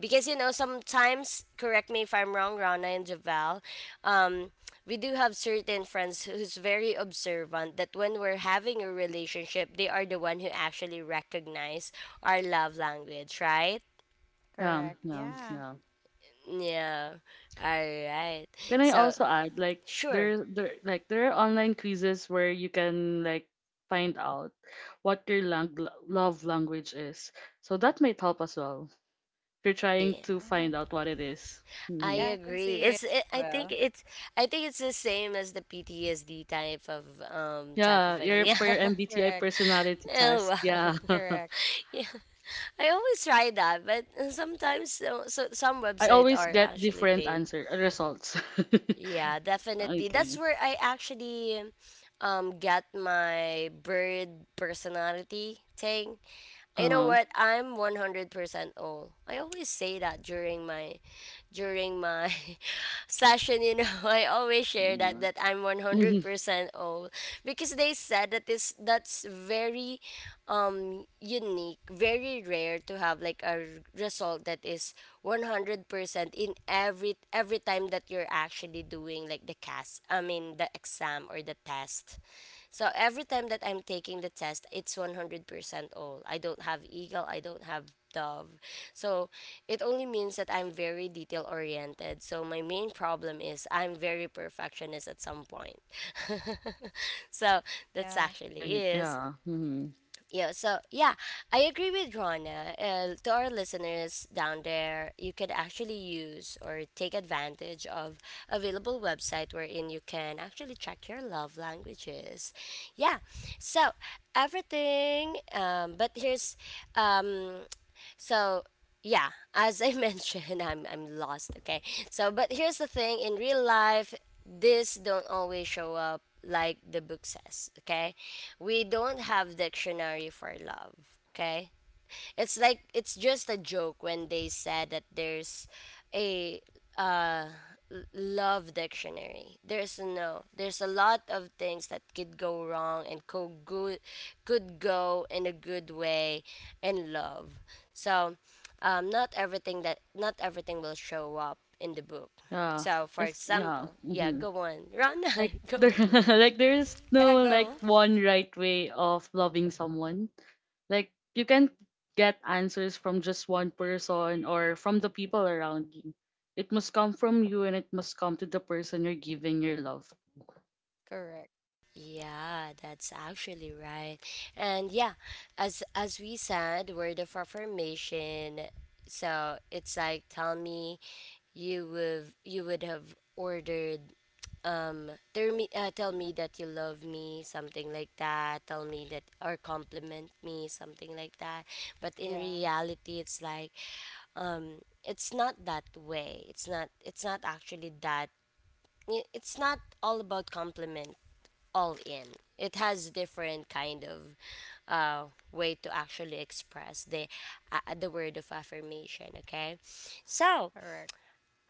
Speaker 1: Because you know sometimes correct me if I'm wrong, Rana and Javel, um we do have certain friends who's very observant that when we're having a relationship, they are the one who actually recognize our love language, right?
Speaker 2: Yeah,
Speaker 3: correct.
Speaker 2: yeah,
Speaker 3: Yeah,
Speaker 2: yeah.
Speaker 1: Yeah. All right.
Speaker 2: Can I
Speaker 1: So,
Speaker 2: also add like
Speaker 1: sure.
Speaker 2: there like there are online quizzes where you can like find out what your love language is. So that might help as well. If you're trying to find
Speaker 3: yeah,
Speaker 2: out what it is.
Speaker 1: I
Speaker 2: Mhm.
Speaker 3: yeah, I can
Speaker 1: agree.
Speaker 3: see
Speaker 1: It's
Speaker 3: it
Speaker 1: it,
Speaker 3: as well.
Speaker 1: I think it's the same as the PTSD type
Speaker 2: Yeah,
Speaker 1: of
Speaker 2: your for
Speaker 1: yeah.
Speaker 2: your MBTI
Speaker 3: Correct,
Speaker 2: personality
Speaker 1: Oh,
Speaker 2: test.
Speaker 1: wow.
Speaker 2: Yeah.
Speaker 3: correct.
Speaker 1: yeah, I always try that, but sometimes so some
Speaker 2: I
Speaker 1: websites
Speaker 2: always
Speaker 1: are
Speaker 2: get
Speaker 1: actually
Speaker 2: different
Speaker 1: paid.
Speaker 2: answer results.
Speaker 1: Yeah, definitely. That's
Speaker 2: Okay.
Speaker 1: where I actually got my bird personality thing. You know
Speaker 2: Uh-huh.
Speaker 1: what? I'm 100% all. I always say that during my session, you know, I always share that I'm
Speaker 2: Mhm.
Speaker 1: 100% old because they said that this that's very unique, very rare to have like a result that is 100% in every time that you're actually doing like the cast, I mean the exam or the test. So every time that I'm taking the test, it's 100% all. I don't have eagle, I don't have dove. So it only means that I'm very detail oriented. So my main problem is I'm very perfectionist at some point. so that's
Speaker 3: Yeah,
Speaker 1: actually
Speaker 2: Right,
Speaker 1: is.
Speaker 2: yeah. Mhm.
Speaker 1: Yeah, so yeah, I agree with Rana. To our listeners down there, you could actually use or take advantage of available website wherein you can actually check your love languages. Yeah, so everything. But here's um, so yeah, as I mentioned, I'm lost. Okay. So but here's the thing: in real life, this don't always show up like the book says. Okay, we don't have dictionary for love. Okay, it's like it's just a joke when they said that there's a love dictionary. There's no there's a lot of things that could go wrong and could go in a good way in love. So not everything that not everything will show up in the book.
Speaker 2: Yeah,
Speaker 1: So for
Speaker 2: if yeah,
Speaker 1: example, yeah,
Speaker 2: hmm
Speaker 1: go on. Rana,
Speaker 2: like
Speaker 1: go
Speaker 2: there,
Speaker 1: on.
Speaker 2: like there is
Speaker 3: yeah,
Speaker 2: no like
Speaker 3: go.
Speaker 2: one right way of loving someone. Like you can get answers from just one person or from the people around you. It must come from you, and it must come to the person you're giving your love.
Speaker 3: Correct.
Speaker 1: Yeah, that's actually right. And yeah, as we said, word of affirmation. So it's like tell me you would have ordered tell me that you love me, something like that, tell me that or compliment me, something like that, but in
Speaker 3: Yeah,
Speaker 1: reality it's like um it's not that way, it's not, it's not actually that, it's not all about compliment all in. It has different kind of uh, way to actually express the word of affirmation. Okay, so
Speaker 3: correct.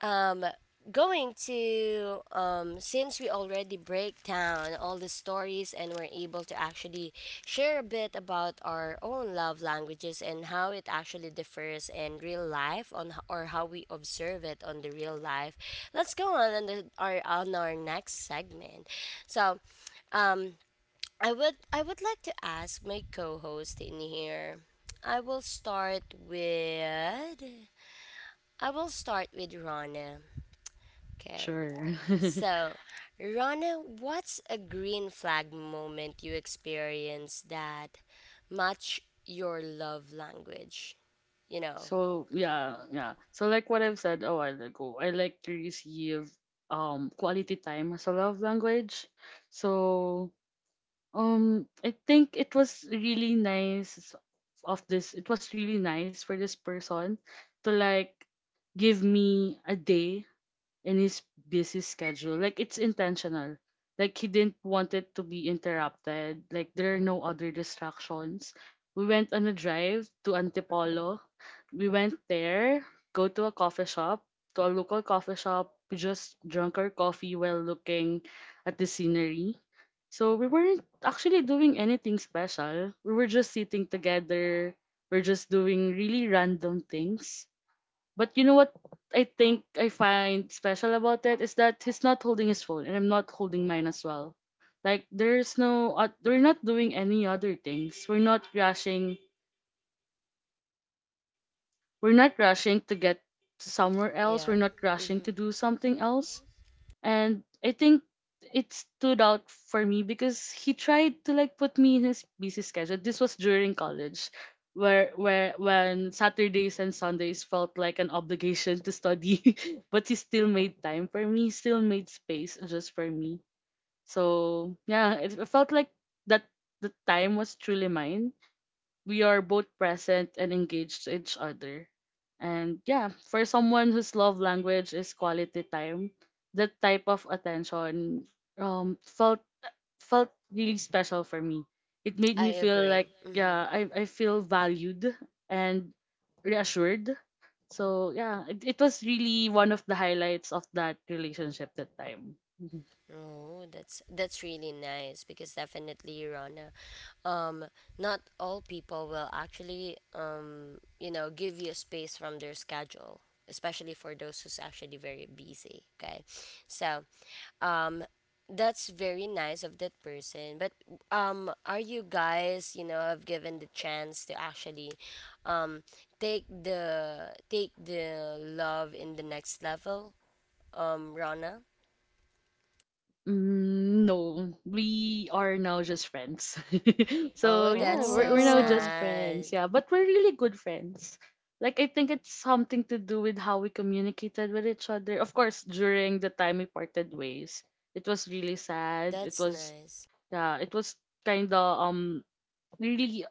Speaker 1: um going to since we already break down all the stories and we're able to actually share a bit about our own love languages and how it actually differs in real life on or how we observe it on the real life, let's go on the, our on our next segment, so um I would like to ask my co-host in here, i will start with I will start with Rana. Okay.
Speaker 2: Sure.
Speaker 1: So, Rana, what's a green flag moment you experienced that match your love language? You know,
Speaker 2: So yeah, yeah. So like what I've said a while ago, I like to receive quality time as a love language. So I think it was really nice of this. It was really nice for this person to like give me a day in his busy schedule. Like it's intentional. Like he didn't want it to be interrupted. Like there are no other distractions. We went on a drive to Antipolo. We went there, go to a coffee shop, to a local coffee shop. We just drank our coffee while looking at the scenery. So we weren't actually doing anything special. We were just sitting together. We're just doing really random things. But you know what I think I find special about it is that he's not holding his phone and I'm not holding mine as well. Like there's no we're not doing any other things. We're not rushing. We're not rushing to get to somewhere else.
Speaker 1: yeah.
Speaker 2: We're not rushing
Speaker 1: Mm-hmm.
Speaker 2: to do something else. And I think it stood out for me because he tried to like put me in his busy schedule. This was during college, where when Saturdays and Sundays felt like an obligation to study, but he still made time for me. He still made space just for me. So yeah, it felt like that the time was truly mine, we are both present and engaged to each other. And yeah, for someone whose love language is quality time, that type of attention felt felt really special for me. It made
Speaker 1: I
Speaker 2: me feel like
Speaker 1: agree. Mm-hmm.
Speaker 2: yeah, I feel valued and reassured. So yeah, it was really one of the highlights of that relationship that time. Mm-hmm.
Speaker 1: Oh, that's really nice because definitely, Rana, um, not all people will actually, you know, give you space from their schedule, especially for those who's actually very busy. Okay, so um, that's very nice of that person. But are you guys, you know, have given the chance to actually, um, take the love in the next level? Rana.
Speaker 2: Mm, no, we are now just friends. So
Speaker 1: Oh,
Speaker 2: yeah,
Speaker 1: that's
Speaker 2: we're
Speaker 1: so
Speaker 2: we're now
Speaker 3: Oh,
Speaker 2: just friends.
Speaker 1: sad.
Speaker 2: Yeah, but we're really good friends. Like I think it's something to do with how we communicated with each other. Of course, during the time we parted ways, it was really sad. It
Speaker 1: That's
Speaker 2: was
Speaker 1: nice.
Speaker 2: yeah, it was kind of really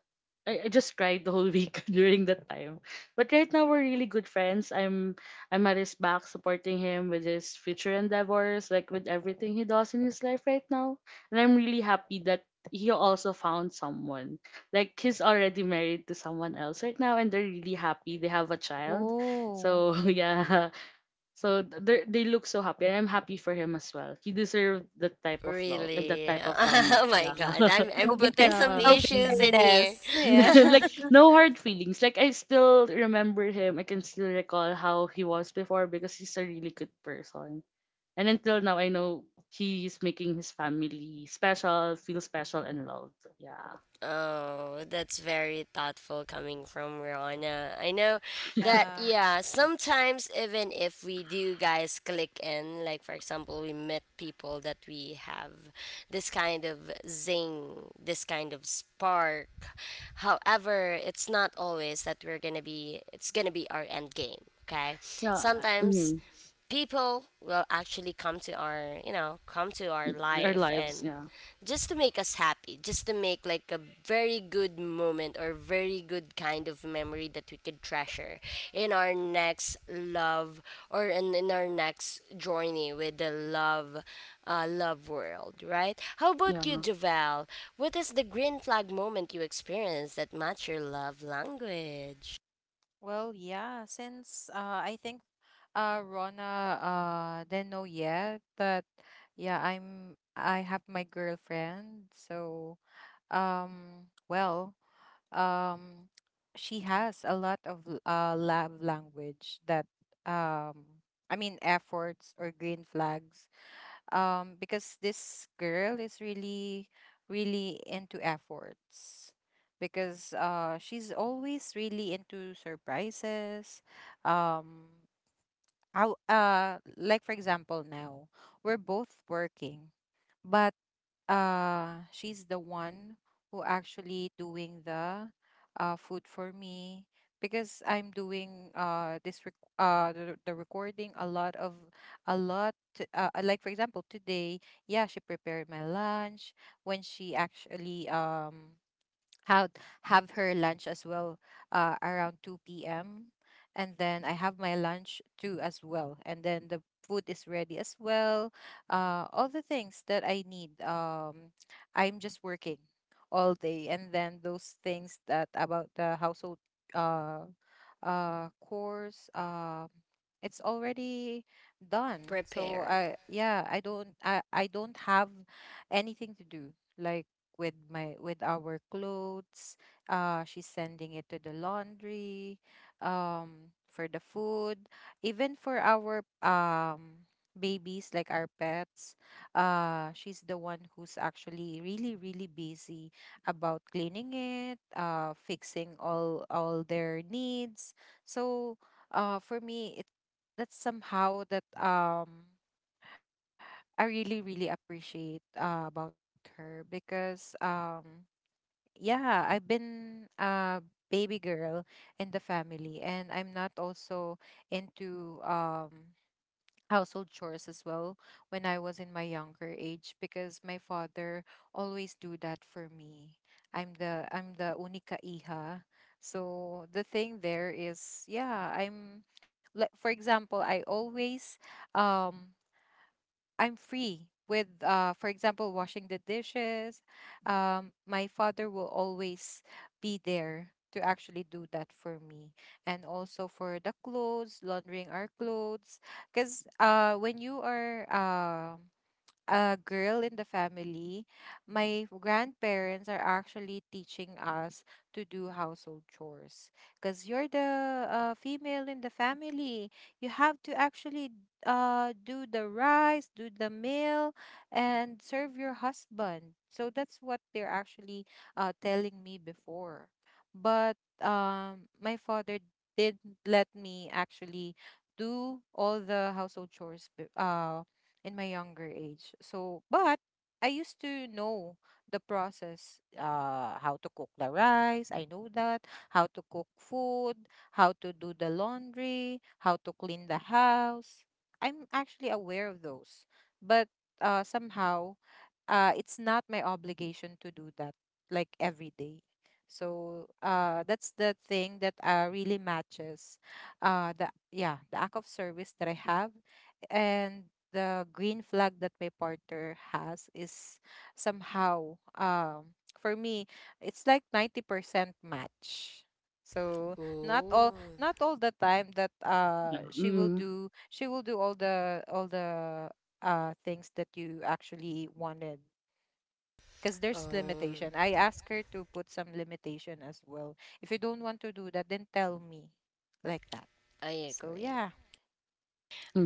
Speaker 2: I just cried the whole week during that time. But right now we're really good friends. I'm at his back supporting him with his future endeavors, like with everything he does in his life right now. And I'm really happy that he also found someone. Like he's already married to someone else right now and they're really happy. They have a child.
Speaker 3: oh.
Speaker 2: So yeah. So they look so happy and I'm happy for him as well. He deserved that type of love and that
Speaker 1: Really?
Speaker 2: type of family.
Speaker 1: Oh my
Speaker 2: Yeah.
Speaker 1: god, I'm
Speaker 3: No bitter,
Speaker 1: putting some
Speaker 2: Yeah.
Speaker 3: no
Speaker 1: issues in here.
Speaker 3: bitterness. Yeah.
Speaker 2: Like no hard feelings. Like I still remember him. I can still recall how he was before because he's a really good person. And until now I know he's making his family special, feel special and loved. Yeah.
Speaker 1: Oh, that's very thoughtful coming from Rana. I know that,
Speaker 3: Yeah.
Speaker 1: yeah, sometimes even if we do guys click in, like for example, we met people that we have this kind of zing, this kind of spark. However, it's not always that it's gonna be our end game, okay?
Speaker 2: Yeah.
Speaker 1: Sometimes
Speaker 2: Mm,
Speaker 1: people will actually come to our come to our
Speaker 2: our
Speaker 1: life
Speaker 2: lives,
Speaker 1: and
Speaker 2: yeah.
Speaker 1: just to make us happy, just to make like a very good moment or very good kind of memory that we could treasure in our next love, or in our next journey with the love love world. Right, how
Speaker 2: Yeah.
Speaker 1: about you, Javel, what is the green flag moment you experienced that match your love language?
Speaker 3: Well, yeah, since I think Rona didn't know yet that yeah, I have my girlfriend. So um, well, um, she has a lot of love language that um, I mean efforts or green flags because this girl is really really into efforts because she's always really into surprises. Um how Like for example, now we're both working, but she's the one who actually doing the food for me because I'm doing the recording a lot of like for example today, yeah, she prepared my lunch when she actually have have her lunch as well, around 2 p.m. And then I have my lunch too as well, and then the food is ready as well. All the things that I need, I'm just working all day, and then those things that about the household uh, chores, it's already done. So
Speaker 1: Prepared.
Speaker 3: I yeah I don't have anything to do like with my with our clothes. She's sending it to the laundry, for the food, even for our babies like our pets. She's the one who's actually really really busy about cleaning it, fixing all their needs. So, for me, it that's somehow that I really really appreciate about her. Because yeah, I've been a baby girl in the family, and I'm not also into household chores as well when I was in my younger age, because my father always do that for me. I'm the única hija. So the thing there is, yeah, I'm like for example, I always um I'm free with, for example, washing the dishes. My father will always be there to actually do that for me, and also for the clothes, laundering our clothes. Because when you are uh, a girl in the family, my grandparents are actually teaching us to do household chores. Because you're the female in the family, you have to actually do the rice, do the meal, and serve your husband. So that's what they're actually telling me before. But my father did let me actually do all the household chores in my younger age. So, but I used to know the process, how to cook the rice. I know that how to cook food, how to do the laundry, how to clean the house. I'm actually aware of those, but somehow it's not my obligation to do that like every day. So that's the thing that really matches the yeah the act of service that I have. And the green flag that my partner has is somehow, for me, it's like 90% match. So
Speaker 1: Oh
Speaker 3: not all the time that
Speaker 2: Yeah. Mm,
Speaker 3: she will do all the things that you actually wanted, because there's
Speaker 1: um
Speaker 3: limitation. I asked her to put some limitation as well. If you don't want to do that, then tell me, like that.
Speaker 1: I
Speaker 3: So
Speaker 1: agree.
Speaker 3: yeah.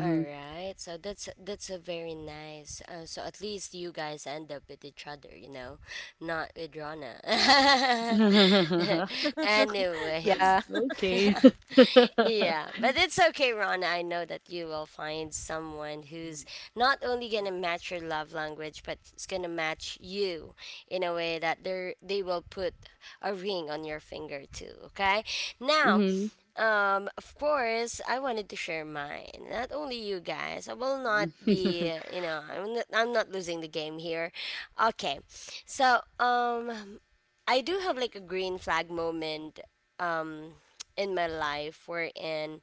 Speaker 1: All right, so that's a very nice. So at least you guys end up with each other, you know, not with Rana.
Speaker 3: Yeah.
Speaker 1: Anyways,
Speaker 2: Okay.
Speaker 1: yeah, but it's okay, Rana. I know that you will find someone who's not only gonna match your love language, but it's gonna match you in a way that they will put a ring on your finger too. Okay, now.
Speaker 2: Mhm.
Speaker 1: Of course, I wanted to share mine. Not only you guys. I will not be, you know, I'm not losing the game here. Okay. So, I do have like a green flag moment um in my life wherein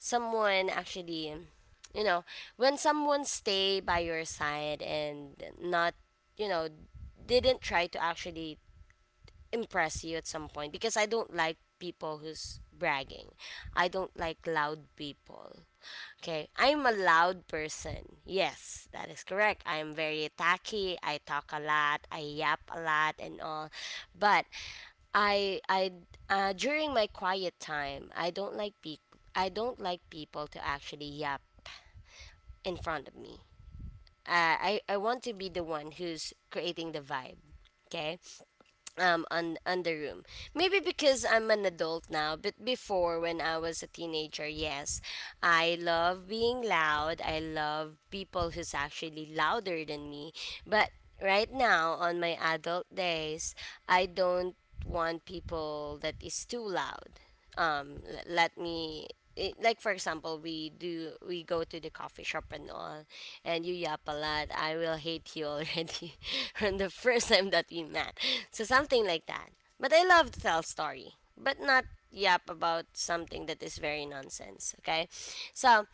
Speaker 1: someone actually, you know, when someone stay by your side and not, you know, didn't try to actually impress you at some point because I don't like people who's bragging. I don't like loud people. Okay, I'm a loud person. Yes, that is correct. I am very tacky. I talk a lot. I yap a lot and all. But I during my quiet time, I don't like I don't like people to actually yap in front of me. I want to be the one who's creating the vibe. Okay, on the room, maybe because I'm an adult now, but before when I was a teenager, yes, I love being loud, I love people who's actually louder than me. But right now on my adult days, I don't want people that is too loud. Let me, it, like for example, we do we go to the coffee shop and all, and you yap a lot, I will hate you already from the first time that we met, so something like that. But I love to tell story, but not yap about something that is very nonsense, okay? So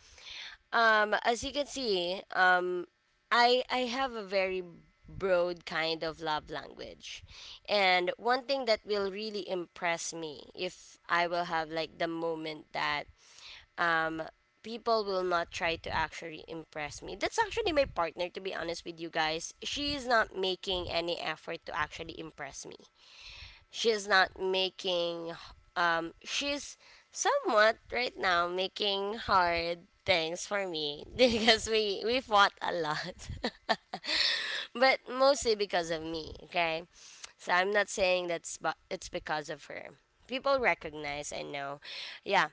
Speaker 1: as you can see, I have a very broad kind of love language, and one thing that will really impress me, if I will have like the moment that um people will not try to actually impress me. That's actually my partner, to be honest with you guys. She is not making any effort to actually impress me, she's not making she's somewhat right now making hard things for me because we fought a lot, but mostly because of me, okay. So I'm not saying that's, but it's because of her, people recognize, I know, yeah.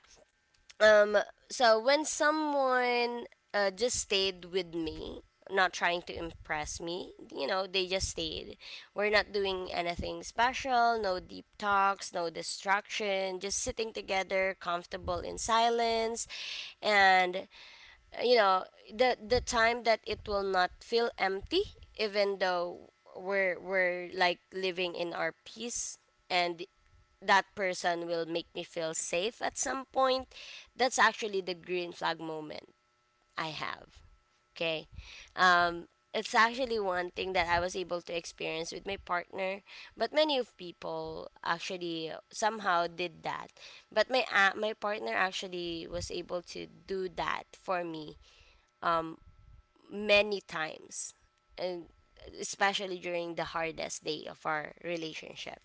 Speaker 1: Um, so when someone just stayed with me, not trying to impress me, you know, they just stayed. We're not doing anything special, no deep talks, no distraction, just sitting together, comfortable in silence. And, you know, the time that it will not feel empty, even though we're like living in our peace, and that person will make me feel safe at some point, that's actually the green flag moment I have. Okay. Um, it's actually one thing that I was able to experience with my partner, but many of people actually somehow did that. But my partner actually was able to do that for me many times, and especially during the hardest day of our relationship,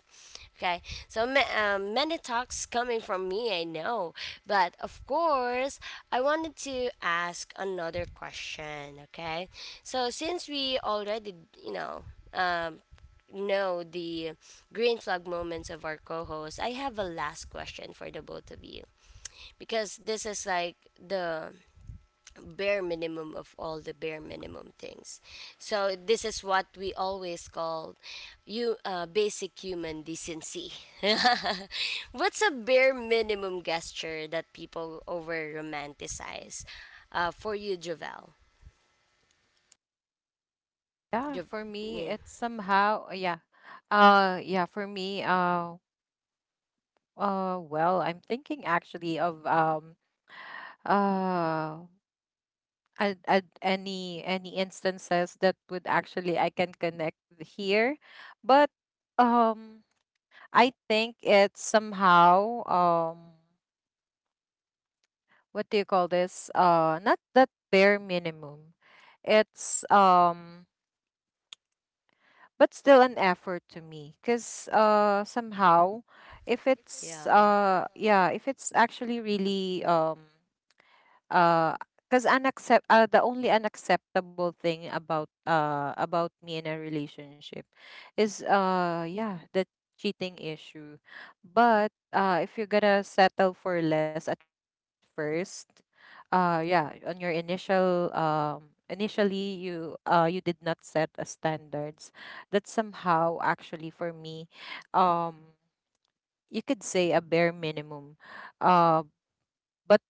Speaker 1: okay. So many talks coming from me, I know, but of course I wanted to ask another question, okay. So since we already, you know, um, know the green flag moments of our co-host, I have a last question for the both of you because this is like the bare minimum of all the bare minimum things. So this is what we always call you, basic human decency. What's a bare minimum gesture that people over romanticize? For you, Javel.
Speaker 3: Yeah,
Speaker 1: Jav-
Speaker 3: for me,
Speaker 1: yeah.
Speaker 3: it's somehow, yeah. Yeah, for me, well, I'm thinking actually of uh, any instances that would actually I can connect here, but um. I think it's somehow, what do you call this? Not that bare minimum. It's but still an effort to me, cuz somehow if it's
Speaker 1: Yeah.
Speaker 3: yeah, if it's actually really uh because unaccept the only unacceptable thing about me in a relationship is yeah, the cheating issue. But if you're gonna settle for less at first, yeah, on your initial, initially you you did not set a standards. That somehow actually, for me, um you could say a bare minimum, uh but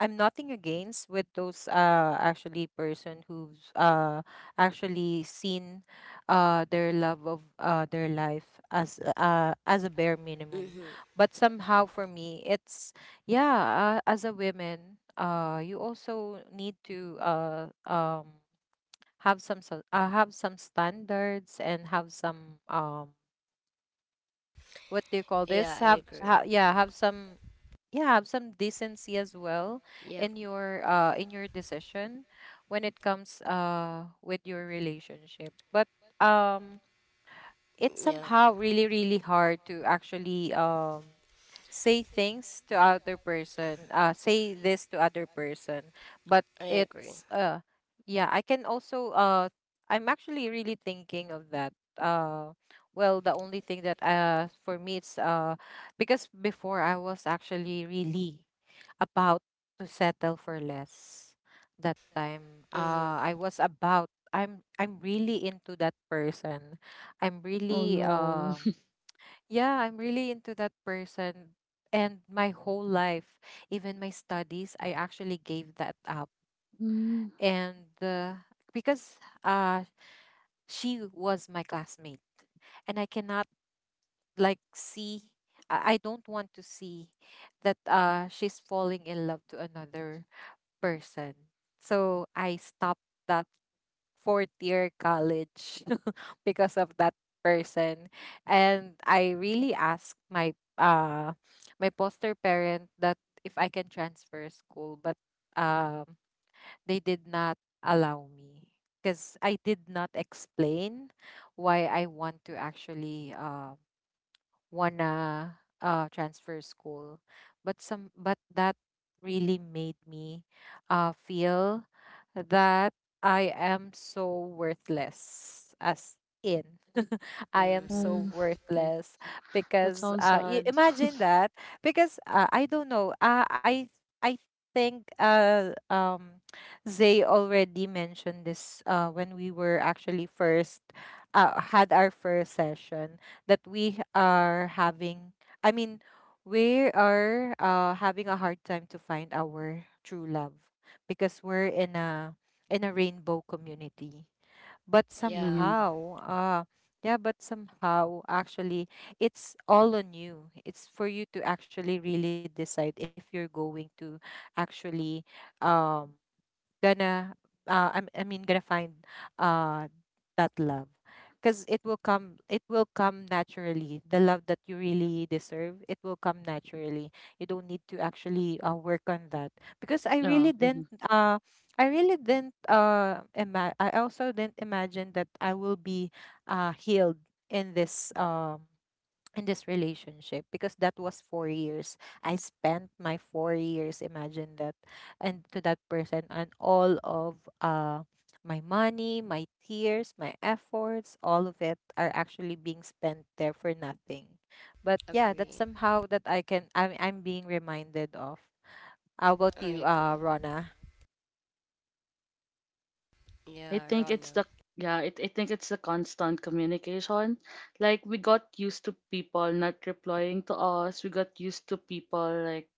Speaker 3: I'm nothing against with those actually person who's actually seen their love of their life as a bare minimum.
Speaker 1: Mm-hmm.
Speaker 3: But somehow for me it's yeah, as a woman, you also need to have some have some standards and have some, what do you call
Speaker 1: Yeah,
Speaker 3: this?
Speaker 1: I agree.
Speaker 3: Yeah have some decency as well
Speaker 1: Yep.
Speaker 3: in your decision when it comes with your relationship. But um it's
Speaker 1: Yeah.
Speaker 3: somehow really really hard to actually say this to other person, but
Speaker 1: I agree.
Speaker 3: it's yeah. I can also I'm actually really thinking of that. Well, the only thing that, for me, it's because before I was actually really about to settle for less. That time, I was about I'm really into that person. I'm
Speaker 2: Oh
Speaker 3: really
Speaker 2: no.
Speaker 3: yeah, I'm really into that person, and my whole life, even my studies, I actually gave that up.
Speaker 2: Mm,
Speaker 3: And because uh she was my classmate, and I cannot like see I don't want to see that she's falling in love to another person. So I stopped that fourth year college because of that person. And I really asked my uh my poster parent that if I can transfer school, but um they did not allow me because I did not explain why I want to actually wanna transfer school. But some but that really made me feel that I am so worthless, as in, I am so
Speaker 1: Mm-hmm.
Speaker 2: um,
Speaker 3: worthless.
Speaker 2: that
Speaker 3: Because
Speaker 2: sounds sad.
Speaker 3: imagine that. Because I don't know, I think Zay already mentioned this when we were actually first had our first session, that we are having, I mean, we are having a hard time to find our true love because we're in a rainbow community. But
Speaker 1: Yeah.
Speaker 2: Mm-hmm.
Speaker 3: somehow yeah, but somehow actually it's all on you. It's for you to actually really decide if you're going to actually um gonna I mean gonna find uh that love. Because it will come, it will come naturally. The love that you really deserve, it will come naturally. You don't need to actually work on that. Because I
Speaker 2: Yeah.
Speaker 3: really
Speaker 2: Hmm.
Speaker 3: didn't I also didn't imagine that I will be healed in this um in this relationship, because that was 4 years. I spent my 4 years, imagine that, and to that person, and all of my money, my tears, my efforts, all of it are actually being spent there for nothing. But yeah, that's
Speaker 1: Agree.
Speaker 3: somehow that I'm being reminded of. How about you,
Speaker 1: I agree.
Speaker 3: Rona?
Speaker 2: I
Speaker 1: Yeah,
Speaker 2: think it's
Speaker 1: Rana.
Speaker 2: the yeah. It, I think it's the constant communication. Like we got used to people not replying to us. We got used to people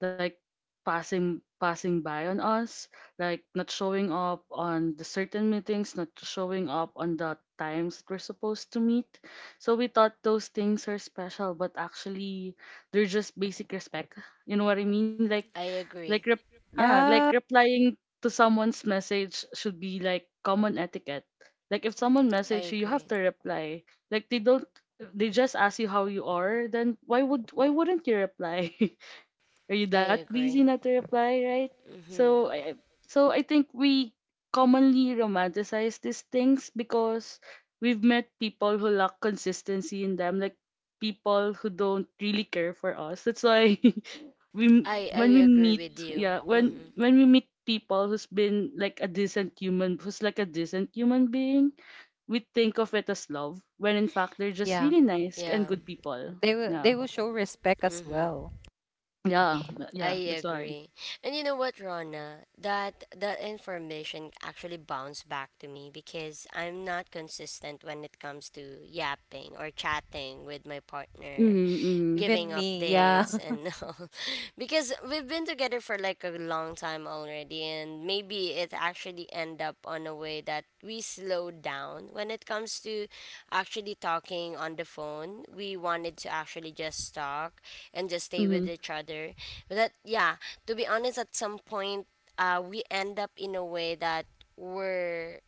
Speaker 2: like passing by on us, like not showing up on the certain meetings, not showing up on the times that we're supposed to meet. So we thought those things are special, but actually they're just basic respect. You know what I mean? Like
Speaker 1: I
Speaker 2: like
Speaker 1: agree.
Speaker 2: rep- yeah,
Speaker 3: Uh
Speaker 2: like replying to someone's message should be like common etiquette. Like if someone
Speaker 1: I
Speaker 2: message you, you have
Speaker 1: agree.
Speaker 2: to reply. Like they don't they just ask you how you are, then why wouldn't you reply? Are you that
Speaker 1: I
Speaker 2: busy
Speaker 1: agree.
Speaker 2: not to reply, right? So
Speaker 1: Mhm.
Speaker 2: so I think we commonly romanticize these things because we've met people who lack consistency in them, like people who don't really care for us. That's why we
Speaker 1: I
Speaker 2: when we
Speaker 1: I
Speaker 2: meet,
Speaker 1: agree with
Speaker 2: yeah,
Speaker 1: you.
Speaker 2: when
Speaker 1: Mhm.
Speaker 2: when we meet people who's been like a decent human who's like a decent human being, we think of it as love when in fact they're just
Speaker 3: yeah.
Speaker 2: really nice and
Speaker 1: Yeah.
Speaker 2: good people. Yeah.
Speaker 3: They will show respect as
Speaker 1: Mhm.
Speaker 3: well.
Speaker 2: Yeah.
Speaker 1: I
Speaker 2: Yeah, that's why.
Speaker 1: agree. And you know what, Rona? That information actually bounced back to me because I'm not consistent when it comes to yapping or chatting with my partner.
Speaker 2: Mm-hmm, mm-hmm.
Speaker 1: Giving
Speaker 3: Even me, yeah.
Speaker 1: updates and all, because we've been together for like a long time already and maybe it actually end up on a way that we slow down when it comes to actually talking on the phone. We wanted to actually just talk and just stay
Speaker 2: Mm-hmm.
Speaker 1: with each other, but that, yeah, to be honest, at some point we end up in a way that we're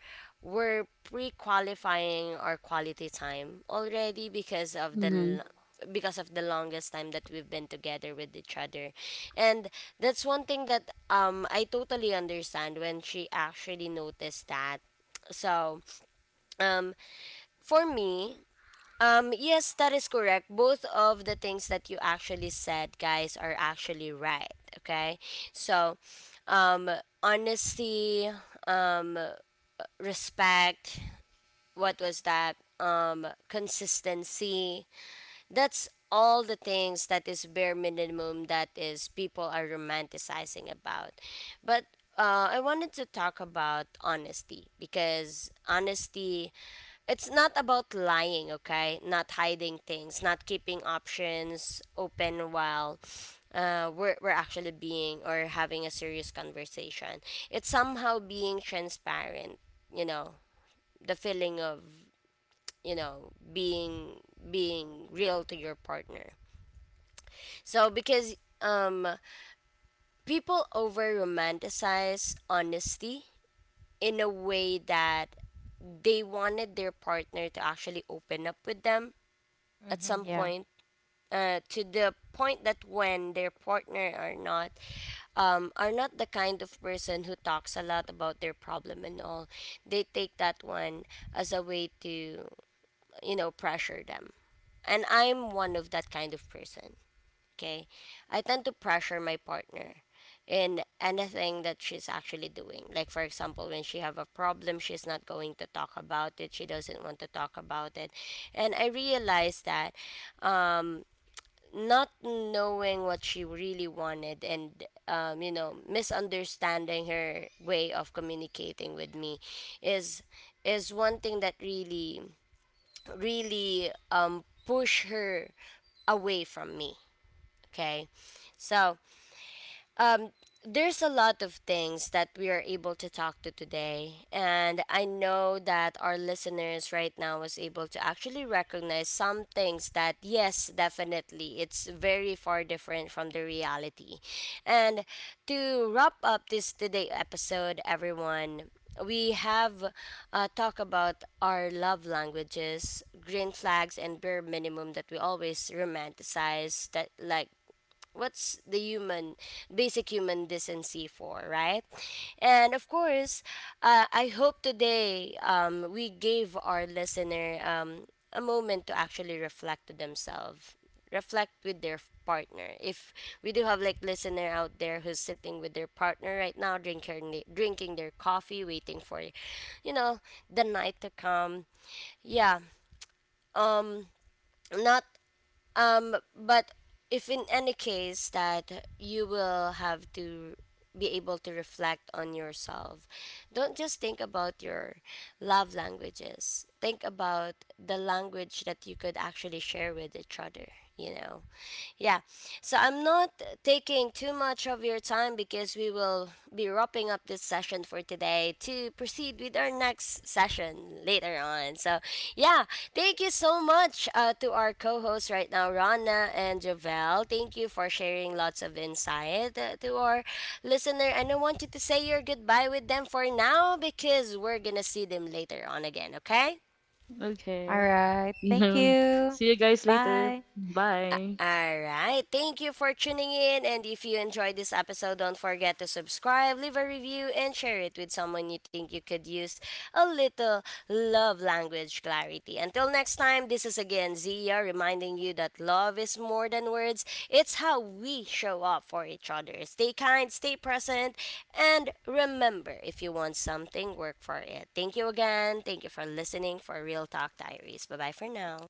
Speaker 1: we're pre-qualifying our quality time already because of the
Speaker 2: Mm-hmm.
Speaker 1: because of the longest time that we've been together with each other. And that's one thing that I totally understand when she actually noticed that. So, um for me, yes, that is correct. Both of the things that you actually said, guys, are actually right, okay? So, um honesty, um respect, what was that? Consistency, that's all the things that is bare minimum that is people are romanticizing about. But I wanted to talk about honesty, because honesty, it's not about lying, okay? Not hiding things, not keeping options open while we're actually being or having a serious conversation. It's somehow being transparent, you know, the feeling of, you know, being being real to your partner. So, because um people over romanticize honesty in a way that they wanted their partner to actually open up with them at
Speaker 3: Hmm,
Speaker 1: some
Speaker 3: yeah.
Speaker 1: point, to the point that when their partner are not the kind of person who talks a lot about their problem and all, they take that one as a way to, you know, pressure them. And I'm one of that kind of person. Okay. I tend to pressure my partner in anything that she's actually doing. Like for example, when she have a problem, she's not going to talk about it. She doesn't want to talk about it. And I realized that um not knowing what she really wanted and you know, misunderstanding her way of communicating with me is is one thing that really really push her away from me. Okay. So, um, there's a lot of things that we are able to talk to today. And I know that our listeners right now was able to actually recognize some things that, yes, definitely, it's very far different from the reality. And to wrap up this today episode, everyone, we have talk about our love languages, green flags, and bare minimum that we always romanticize, that like what's the human basic human decency for, right? And of course, I hope today we gave our listener a moment to actually reflect to themselves, reflect with their partner. If we do have like listener out there who's sitting with their partner right now, drinking their coffee, waiting for, you know, the night to come, yeah. um not But if in any case that you will have to be able to reflect on yourself, don't just think about your love languages. Think about the language that you could actually share with each other, you know. Yeah. So I'm not taking too much of your time because we will be wrapping up this session for today to proceed with our next session later on. So, yeah, thank you so much, to our co hosts right now, Rana and Javel. Thank you for sharing lots of insight, to our listener. And I want you to say your goodbye with them for now because we're going to see them later on again, okay?
Speaker 3: All
Speaker 2: Okay.
Speaker 3: right. Thank
Speaker 2: Mhm.
Speaker 3: you.
Speaker 2: See you guys later.
Speaker 3: Bye.
Speaker 2: Bye.
Speaker 1: All right. Thank you for tuning in. And if you enjoyed this episode, don't forget to subscribe, leave a review, and share it with someone you think you could use a little love language clarity. Until next time, this is again Zia reminding you that love is more than words, it's how we show up for each other. Stay kind, stay present, and remember, if you want something, work for it. Thank you again. Thank you for listening for Real Talk Diaries. Bye bye for now.